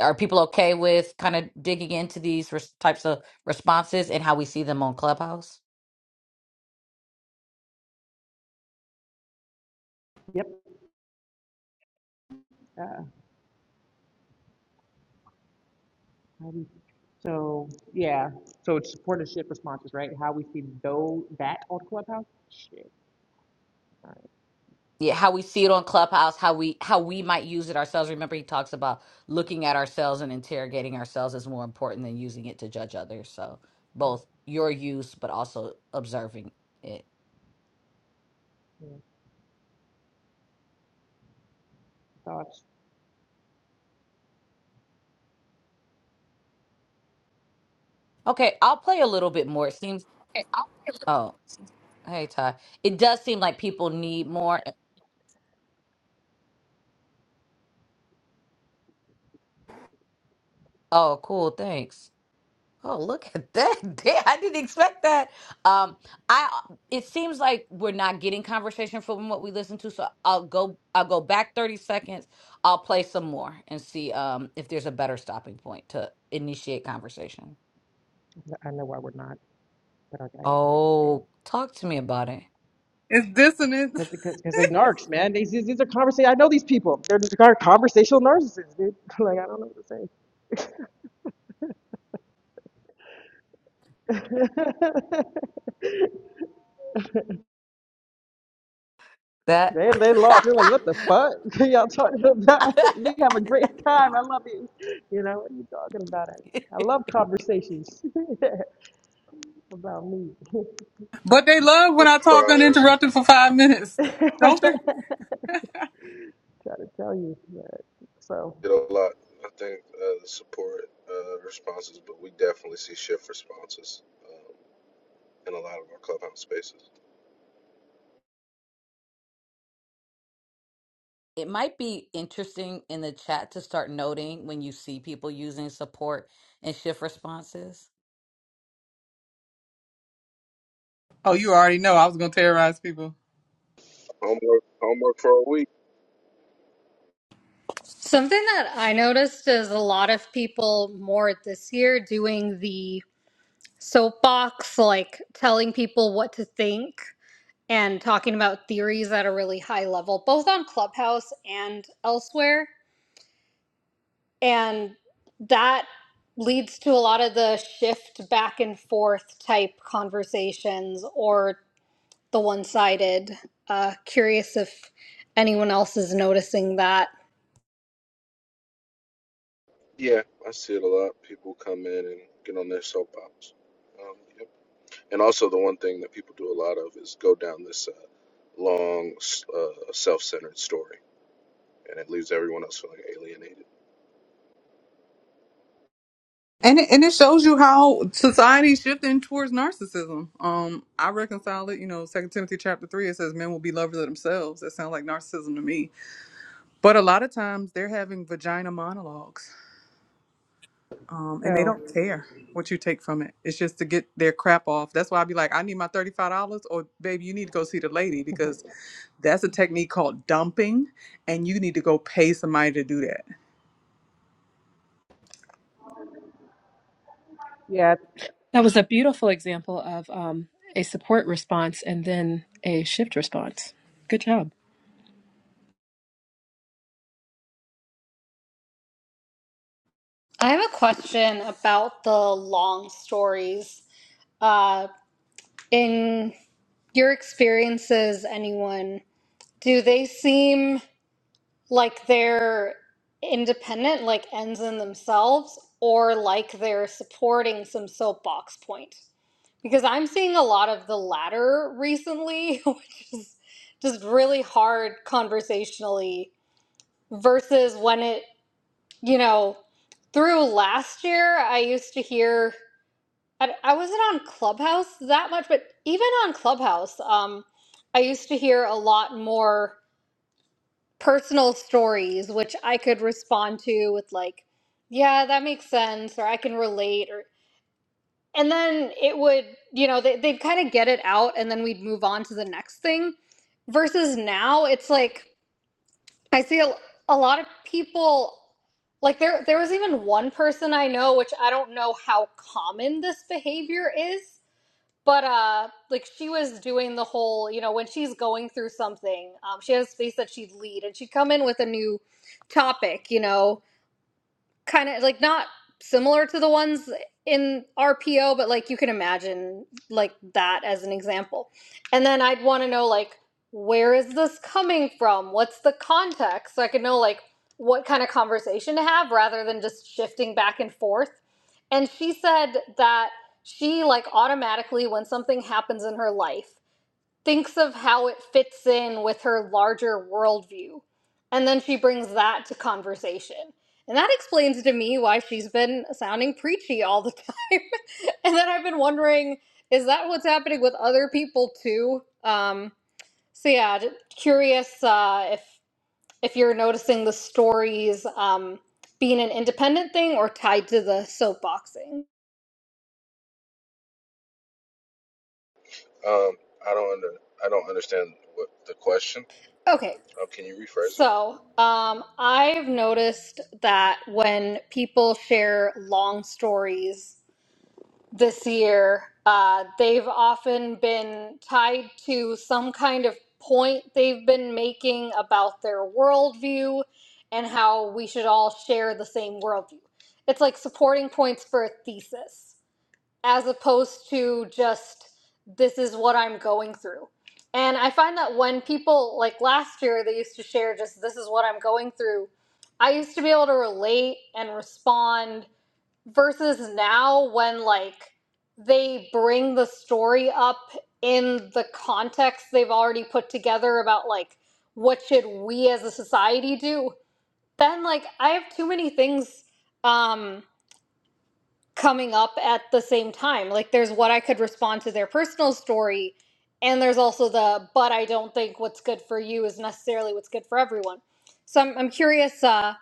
Speaker 1: are people okay with kind of digging into these res- types of responses and how we see them on clubhouse
Speaker 6: Yep. Uh, how we, so yeah, so it's supportership responses, right? How we see though that on Clubhouse? Shit. All
Speaker 1: yeah how we see it on clubhouse how we how we might use it ourselves remember he talks about looking at ourselves and interrogating ourselves is more important than using it to judge others so
Speaker 6: right.
Speaker 1: both your use but also observing it
Speaker 6: yeah, Thoughts?
Speaker 1: okay i'll play a little bit more it seems oh hey ty it does seem like people need more oh cool thanks Oh, look at that. Damn, I didn't expect that. Um, I uh, it seems like we're not getting conversation from what we listen to, so I'll go I'll go back 30 seconds. I'll play some more and see um if there's a better stopping point to initiate conversation.
Speaker 6: I know why we're not, but I, I, I'm to say it.
Speaker 1: Oh, talk to me about it.
Speaker 3: It's
Speaker 6: Cause,
Speaker 3: dissonance.
Speaker 6: cause, cause they narcs, man. These, these these are conversation. I know these people. They're, they're conversational narcissists, dude. Like I don't know what to say.
Speaker 1: That
Speaker 6: They, they lost. They're like, what the fuck y'all talking about? We have a great time. I love you. You know, what are you talking about? I, I love conversations. about me.
Speaker 3: But they love when I talk uninterrupted for five minutes,
Speaker 6: Try
Speaker 3: don't they?
Speaker 6: to tell you that. So,
Speaker 1: It might be interesting in the chat to start noting when you see people using support and shift responses.
Speaker 3: Oh, you already know I was gonna terrorize people.
Speaker 9: Something that I noticed is a lot of people more this year doing the soapbox, like telling people what to think and talking about theories at a really high level, both on Clubhouse and elsewhere. And that leads to a lot of the shift back and forth type conversations or the one sided. Uh, curious if anyone else is noticing that.
Speaker 3: And it, and it shows you how society's shifting towards narcissism. Um, I reconcile it. You know, Second Timothy chapter three it says men will be lovers of themselves. That sounds like narcissism to me. But a lot of times they're having vagina monologues, um, and they
Speaker 6: No,
Speaker 3: don't care what you take from it. It's just to get their crap off. That's why I'd be like, I need my thirty five dollars, or baby, you need to go see the lady because that's a technique called dumping, and you need to go pay somebody to do that.
Speaker 6: yeah,
Speaker 4: That was a beautiful example of um, a support response and then a shift response. Good job.
Speaker 9: I have a question about the long stories. Uh, in your experiences, anyone, do they seem like they're independent, like ends in themselves, or like they're supporting some soapbox point? Because I'm seeing a lot of the latter recently, which is just really hard conversationally, versus when it, you know, through last year, I used to hear, I, I wasn't on Clubhouse that much, but even on Clubhouse, um, I used to hear a lot more personal stories, which I could respond to with, like, yeah, that makes sense, or I can relate, or. and then it would you know they, they'd kind of get it out and then we'd move on to the next thing versus now it's like i see a, a lot of people like there there was even one person i know which i don't know how common this behavior is but uh like she was doing the whole you know when she's going through something um she had a space that she'd lead and she'd come in with a new topic you know kind of like not similar to the ones in RPO, but like you can imagine like that as an example. And then I'd want to know like where is this coming from? What's the context? So I could know like what kind of conversation to have rather than just shifting back and forth. And she said that she like automatically when something happens in her life thinks of how it fits in with her larger worldview. And then she brings that to conversation. And that explains to me why she's been sounding preachy all the time. and then I've been wondering is that what's happening with other people too? Um, so, yeah, j- curious uh, if, if you're noticing the stories um, being an independent thing or tied to the soapboxing. Okay, So, um, I've noticed that when people share long stories this year, uh, they've often been tied to some kind of point they've been making about their worldview and how we should all share the same worldview. It's like supporting points for a thesis as opposed to just this is what I'm going through. And I find that when people like last year they used to share just this is what I'm going through, I used to be able to relate and respond versus now when like they bring the story up in the context they've already put together about like what should we as a society do? Then like I have too many things um coming up at the same time. Like there's what I could respond to their personal story, and there's also the but I don't think what's good for you is necessarily what's good for everyone. So I'm I'm curious uh,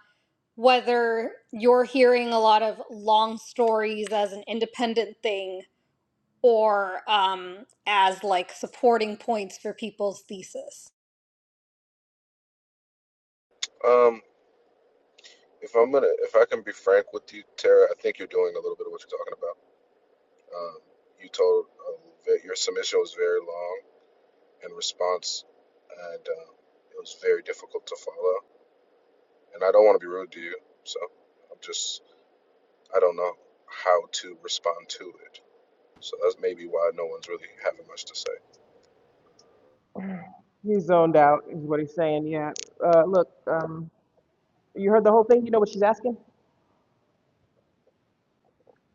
Speaker 9: whether you're hearing a lot of long stories as an independent thing or um, as like supporting points for people's thesis.
Speaker 6: he's zoned out, is what he's saying, yeah. Uh, look, um, you heard the whole thing, you know what she's asking?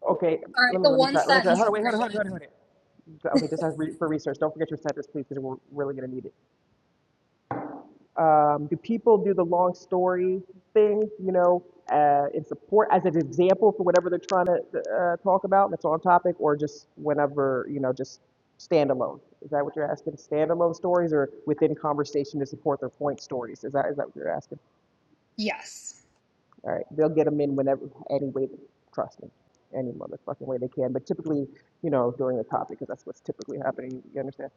Speaker 6: Okay,
Speaker 9: All right,
Speaker 6: let me,
Speaker 9: the
Speaker 6: let me
Speaker 9: one
Speaker 6: try, let me try,
Speaker 9: sentence
Speaker 6: hold on, wait, hold on,
Speaker 9: version.
Speaker 6: hold on, hold on, hold on. Okay, just as re- for research, don't forget your census, please, because we're really gonna need it. um, do people do the long story thing, you know, uh, in support as an example for whatever they're trying to uh, talk about that's on topic, or just whenever, you know, just standalone? Is that what you're asking? Standalone stories or within conversation to support their point stories? Is that is that what you're asking?
Speaker 9: Yes.
Speaker 6: All right, they'll get them in whenever, any way, trust me, any motherfucking way they can, but typically, you know, during the topic, because that's what's typically happening. You understand?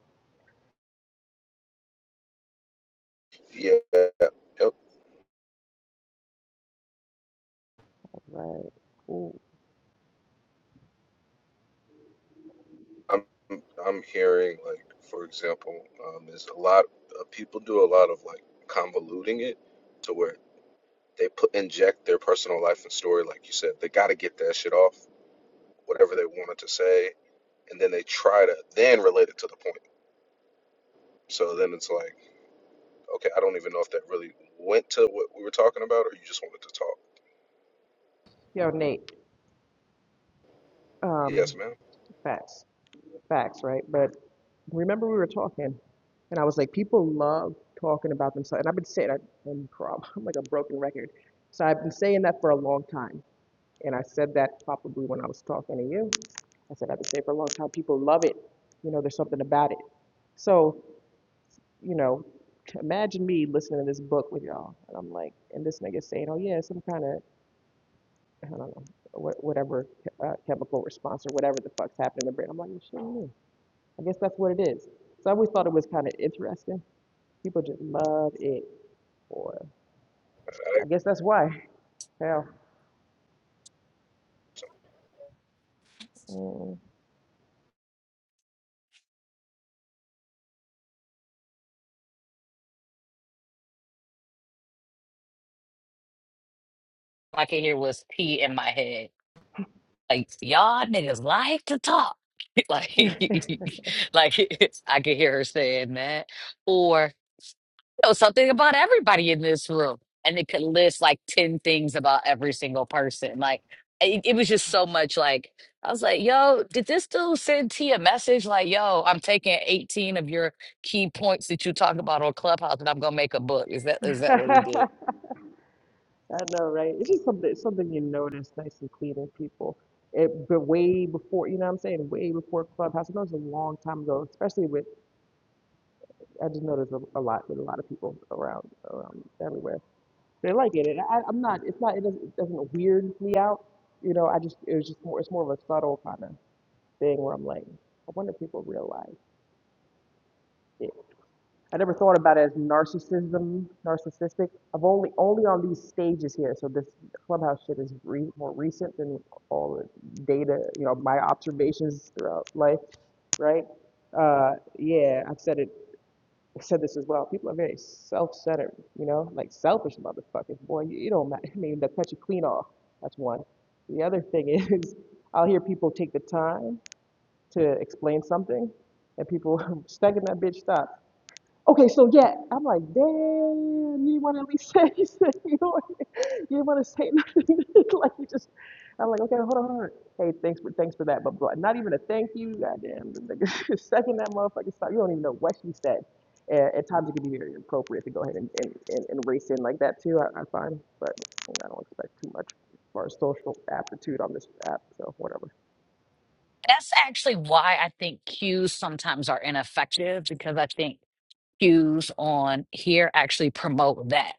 Speaker 6: All right, cool. Yo, Nate, um, facts. Facts, right? But remember we were talking, and I was like, people love talking about themselves, and I've been saying I'm like a broken record. So I've been saying that for a long time, and I said that probably when I was talking to you. I said I've been saying for a long time, people love it. You know, there's something about it. So, you know, imagine me listening to this book with y'all, and I'm like, and this nigga saying, oh yeah, some kind of, I don't know, whatever uh, chemical response or whatever the fuck's happening in the brain. I'm like, you shitting me. I guess that's what it is. So I always thought it was kind of interesting. People just love it, or I guess that's why. Hell. Mm.
Speaker 1: All I could hear was pee in my head. Like y'all niggas like to talk. like, like I could hear her saying that. or. know something about everybody in this room. And it could list like 10 things about every single person. Like, it, it was just so much like, I was like, yo, did this dude send T a message? Like, yo, I'm taking 18 of your key points that you talk about on Clubhouse and I'm going to make a book. Is that is that what he did?
Speaker 6: I know, right? It's just something something you notice nice and clean in people. It but way before you know what I'm saying, way before Clubhouse. I know it's a long time ago, especially with I just noticed a, a lot with a lot of people around around everywhere. They like it. And I, I'm not it's not it doesn't, it doesn't weird me out. You know, I just it was just more it's more of a subtle kind of thing where I'm like, I wonder if people realize. I never thought about it as narcissism, narcissistic. I've only only on these stages here. So this clubhouse shit is re, more recent than all the data, you know, my observations throughout life, right? Uh, yeah, I've said it. I said this as well. People are very self-centered, you know, like selfish motherfuckers. Boy, you, you don't matter. I mean, they'll cut you clean off. That's one. The other thing is, I'll hear people take the time to explain something, and people second that bitch stop. Okay, so yeah, I'm like, damn, you want to at least say, you said you don't, you didn't want to say nothing. like you just, I'm like, okay, hold on, hold on. Hey, thanks for thanks for that, but blah. Not even a thank you. Goddamn, the nigga second that motherfucker stop. You don't even know what she said. And at times it can be very inappropriate to go ahead and, and, and, and race in like that too. I, I find, but you know, I don't expect too much as far as social aptitude on this app. So whatever.
Speaker 1: That's actually why I think cues sometimes are ineffective because I think cues on here actually promote that.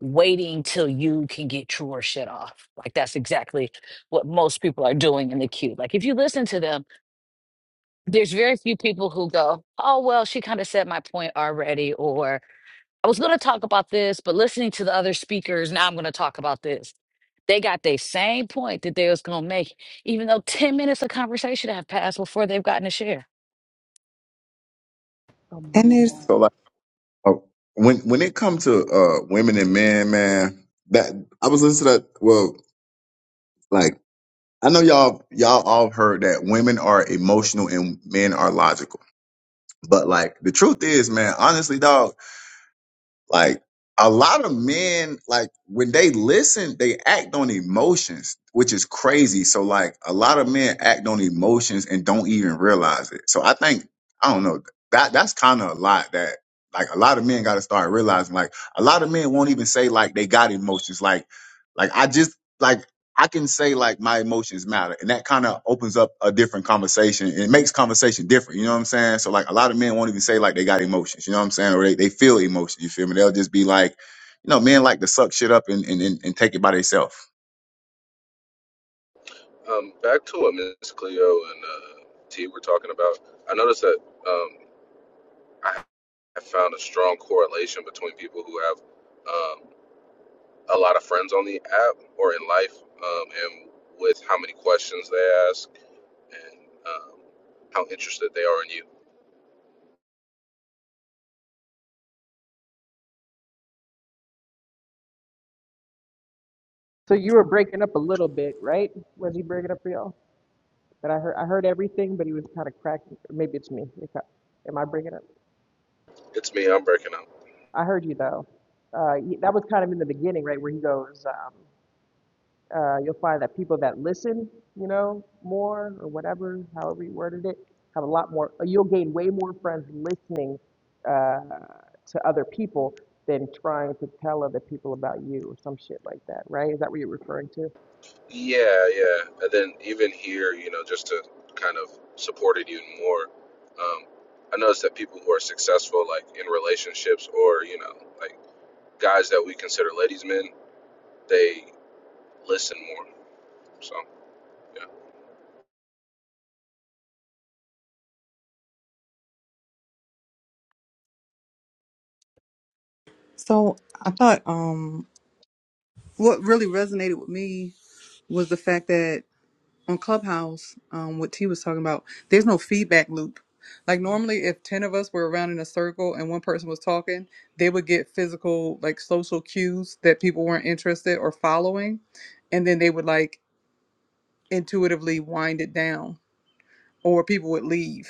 Speaker 1: waiting till you can get your shit off. Like that's exactly what most people are doing in the queue. Like if you listen to them, there's very few people who go, "Oh well, she kind of said my point already," or "I was going to talk about this, but listening to the other speakers, now I'm going to talk about this." They got the same point that they was going to make, even though 10 minutes of conversation have passed before they've gotten to share.
Speaker 6: Oh my
Speaker 3: And there's
Speaker 6: god.
Speaker 7: So like, oh, when when it comes to uh women and men, man, that I was listening to that. Well, like. I know y'all y'all all heard that women are emotional and men are logical. But like the truth is, man, honestly, dog, like a lot of men, like when they listen, they act on emotions, which is crazy. So like a lot of men act on emotions and don't even realize it. So I think I don't know that that's kind of a lot that like a lot of men got to start realizing. Like a lot of men won't even say like they got emotions. Like like I just like I can say like my emotions matter, and that kind of opens up a different conversation. It makes conversation different. You know what I'm saying? So like a lot of men won't even say like they got emotions. You know what I'm saying? Or they, they feel emotions. You feel me? They'll just be like, you know, men like to suck shit up and and, and, and take it by themselves.
Speaker 6: So you were breaking up a little bit, right? Was he breaking up for y'all? But I heard I heard everything, but he was kind of cracking. Maybe it's me. It cut- Am I bringing it? I heard you though. Uh, he- that was kind of in the beginning, right, where he goes, um, uh, you'll find that people that listen, you know, more or whatever, however you worded it, have a lot more. uh, You'll gain way more friends listening uh, to other people than trying to tell other people about you or some shit like that, right? Is that what you're referring to?
Speaker 3: so I thought. um What really resonated with me was the fact that on Clubhouse, um, what T was talking about, there's no feedback loop. Like normally, if ten of us were around in a circle and one person was talking, they would get physical, like social cues that people weren't interested or following, and then they would like intuitively wind it down, or people would leave.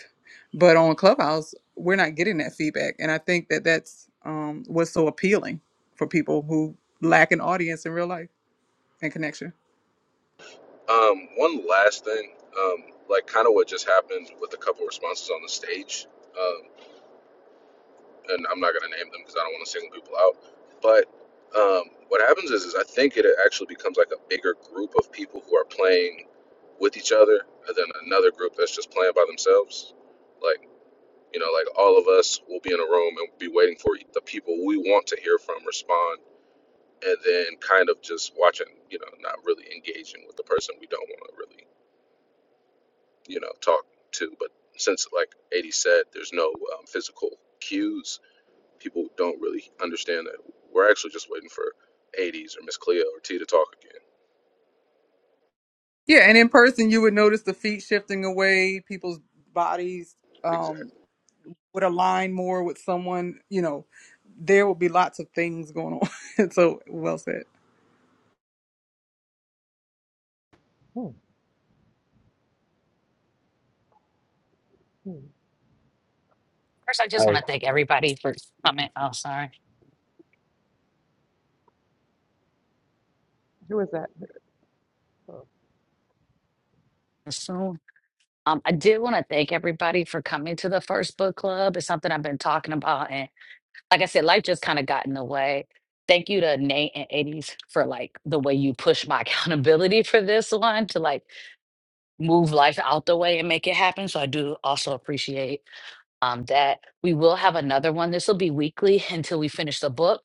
Speaker 3: But on Clubhouse, we're not getting that feedback, and I think that that's um, what's so appealing for people who lack an audience in real life and connection. Yeah, and in person you would notice the feet shifting away, people's bodies um would align more with someone, you know, there would be lots of things going on. so well said.
Speaker 6: Hmm. hmm.
Speaker 1: First, I just
Speaker 12: Hey,
Speaker 1: want to thank everybody for coming. Oh, sorry.
Speaker 6: Who is that? Oh,
Speaker 1: so. Um, I do want to thank everybody for coming to the first book club. It's something I've been talking about. And like I said, life just kind of got in the way. Thank you to Nate and 80s for like the way you push my accountability for this one to like move life out the way and make it happen. So I do also appreciate um, that we will have another one. This will be weekly until we finish the book.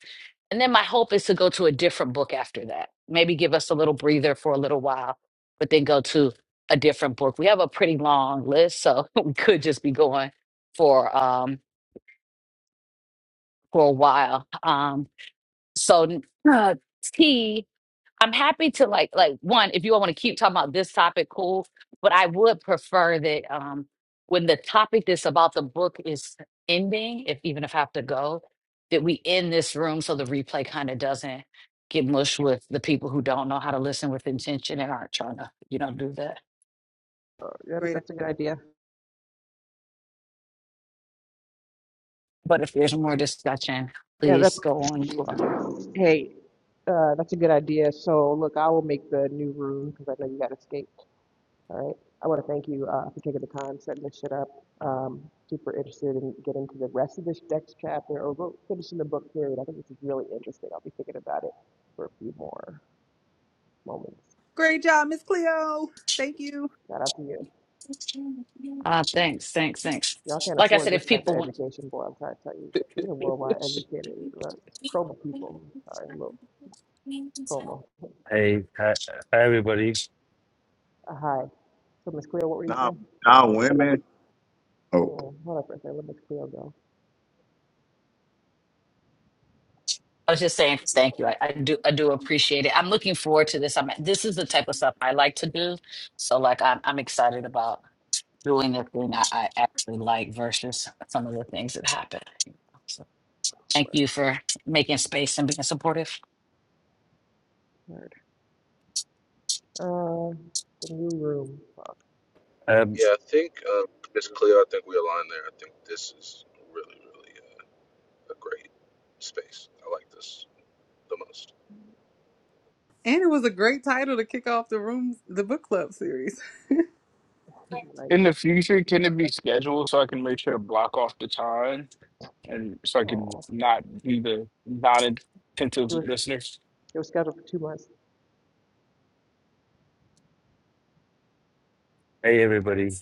Speaker 1: And then my hope is to go to a different book after that. Maybe give us a little breather for a little while, but then go to a different book. We have a pretty long list, so we could just be going for um for a while. Um so uh, T I'm happy to like like one, if you all want to keep talking about this topic, cool. But I would prefer that um when the topic that's about the book is ending, if even if I have to go, that we end this room so the replay kind of doesn't get mushed with the people who don't know how to listen with intention and aren't trying to, you know, do that.
Speaker 6: oh, yeah,
Speaker 3: Great
Speaker 6: that's a good idea.
Speaker 1: But if there's more discussion,
Speaker 6: Yeah, that,
Speaker 1: please go on. Laura.
Speaker 6: hey, uh, that's a good idea. So, look, I will make the new room because I know you got escaped. All right. I want to thank you uh, for taking the time, setting this shit up. Um, super interested in getting to the rest of this next chapter or go- finishing the book period. I think this is really interesting. I'll be thinking about it for a few more moments.
Speaker 3: great job, Miss Cleo. Thank you.
Speaker 6: Shout out to you.
Speaker 1: Uh, thanks, thanks, thanks.
Speaker 6: Y'all can't
Speaker 1: Like I
Speaker 6: afford
Speaker 1: said, if
Speaker 6: this type of
Speaker 1: people want
Speaker 6: education, boy. I'm trying to tell you. You're worldwide educated Look, promo people. Sorry, a little promo.
Speaker 12: hey, hi- everybody.
Speaker 6: Uh, hi. So, Miss Cleo, what were you
Speaker 7: Now,
Speaker 6: saying?
Speaker 7: now women. Oh, I
Speaker 6: Oh, hold up for a second. Let me Cleo go.
Speaker 1: I was just saying thank you. I, I do I do appreciate it. I'm looking forward to this. I'm this is the type of stuff I like to do. So like I'm I'm excited about doing the thing I, I actually like versus some of the things that happen. So thank
Speaker 6: Word,
Speaker 1: you for making space and being supportive.
Speaker 6: word. Um, the new room, fuck,
Speaker 12: Um,
Speaker 3: And it was a great title to kick off the room the book club series.
Speaker 6: right?
Speaker 5: In the future, can it be scheduled so I can make sure to block off the time and so I can
Speaker 6: Oh,
Speaker 5: not be the non-attentive listener?
Speaker 6: it was scheduled for two months.
Speaker 12: hey, everybody.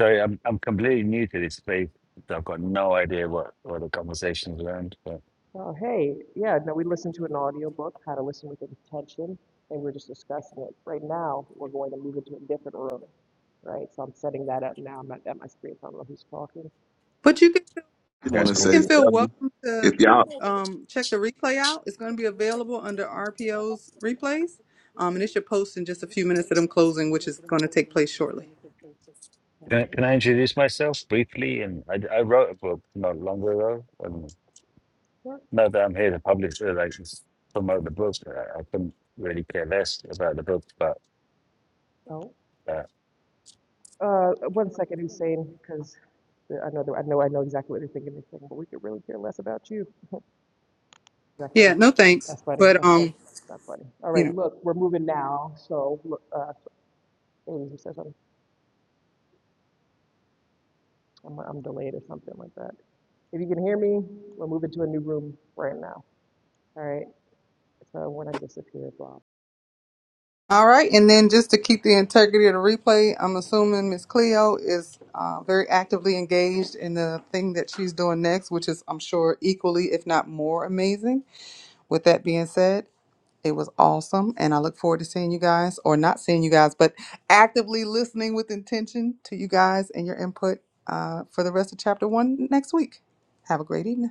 Speaker 12: Sorry, I'm I'm completely new to this space, so I've got no idea what what the conversation's around. But
Speaker 6: Oh, hey, yeah, no, we listened to an audiobook, How to Listen with Intention, and we're just discussing it. Right now, we're going to move into a different room, right? So I'm setting that up now. I'm not at my screen, so I don't know who's talking.
Speaker 3: But you can
Speaker 7: just want
Speaker 12: that's
Speaker 6: But
Speaker 7: to
Speaker 3: you
Speaker 6: pretty
Speaker 12: cool.
Speaker 7: say,
Speaker 3: can
Speaker 6: soon,
Speaker 3: feel
Speaker 7: fellas,
Speaker 3: welcome to
Speaker 7: if y'all
Speaker 3: um check the replay out. It's gonna be available under RPO's replays. Um and it should post in just a few minutes that I'm closing, which is gonna take place shortly.
Speaker 12: Can I, can I introduce myself briefly? And I, I wrote a book not long ago, and not that I'm here to publish it, like just promote the book. I, I couldn't really care less about the book, but.
Speaker 6: oh,
Speaker 12: uh,
Speaker 6: uh, one second, Hussein, because I know, that- I know, I know exactly what you're thinking, Hussein, but we could really care less about you. That's funny.
Speaker 3: Yeah, no thanks.
Speaker 6: That's funny.
Speaker 3: But
Speaker 6: That's funny.
Speaker 3: um,
Speaker 6: That's funny. All
Speaker 3: you
Speaker 6: right,
Speaker 3: know.
Speaker 6: look, we're moving now. So, look, uh, Amy, you said something. I'm, I'm delayed or something like that. If you can hear me, we're moving to a new room right now. All right. So when I disappear, blah.
Speaker 3: All right, and then just to keep the integrity of the replay, I'm assuming Miss Cleo is uh, very actively engaged in the thing that she's doing next, which is, I'm sure, equally if not more amazing. With that being said, it was awesome, and I look forward to seeing you guys, or not seeing you guys, but actively listening with intention to you guys and your input uh, for the rest of Chapter One next week. Have a great evening.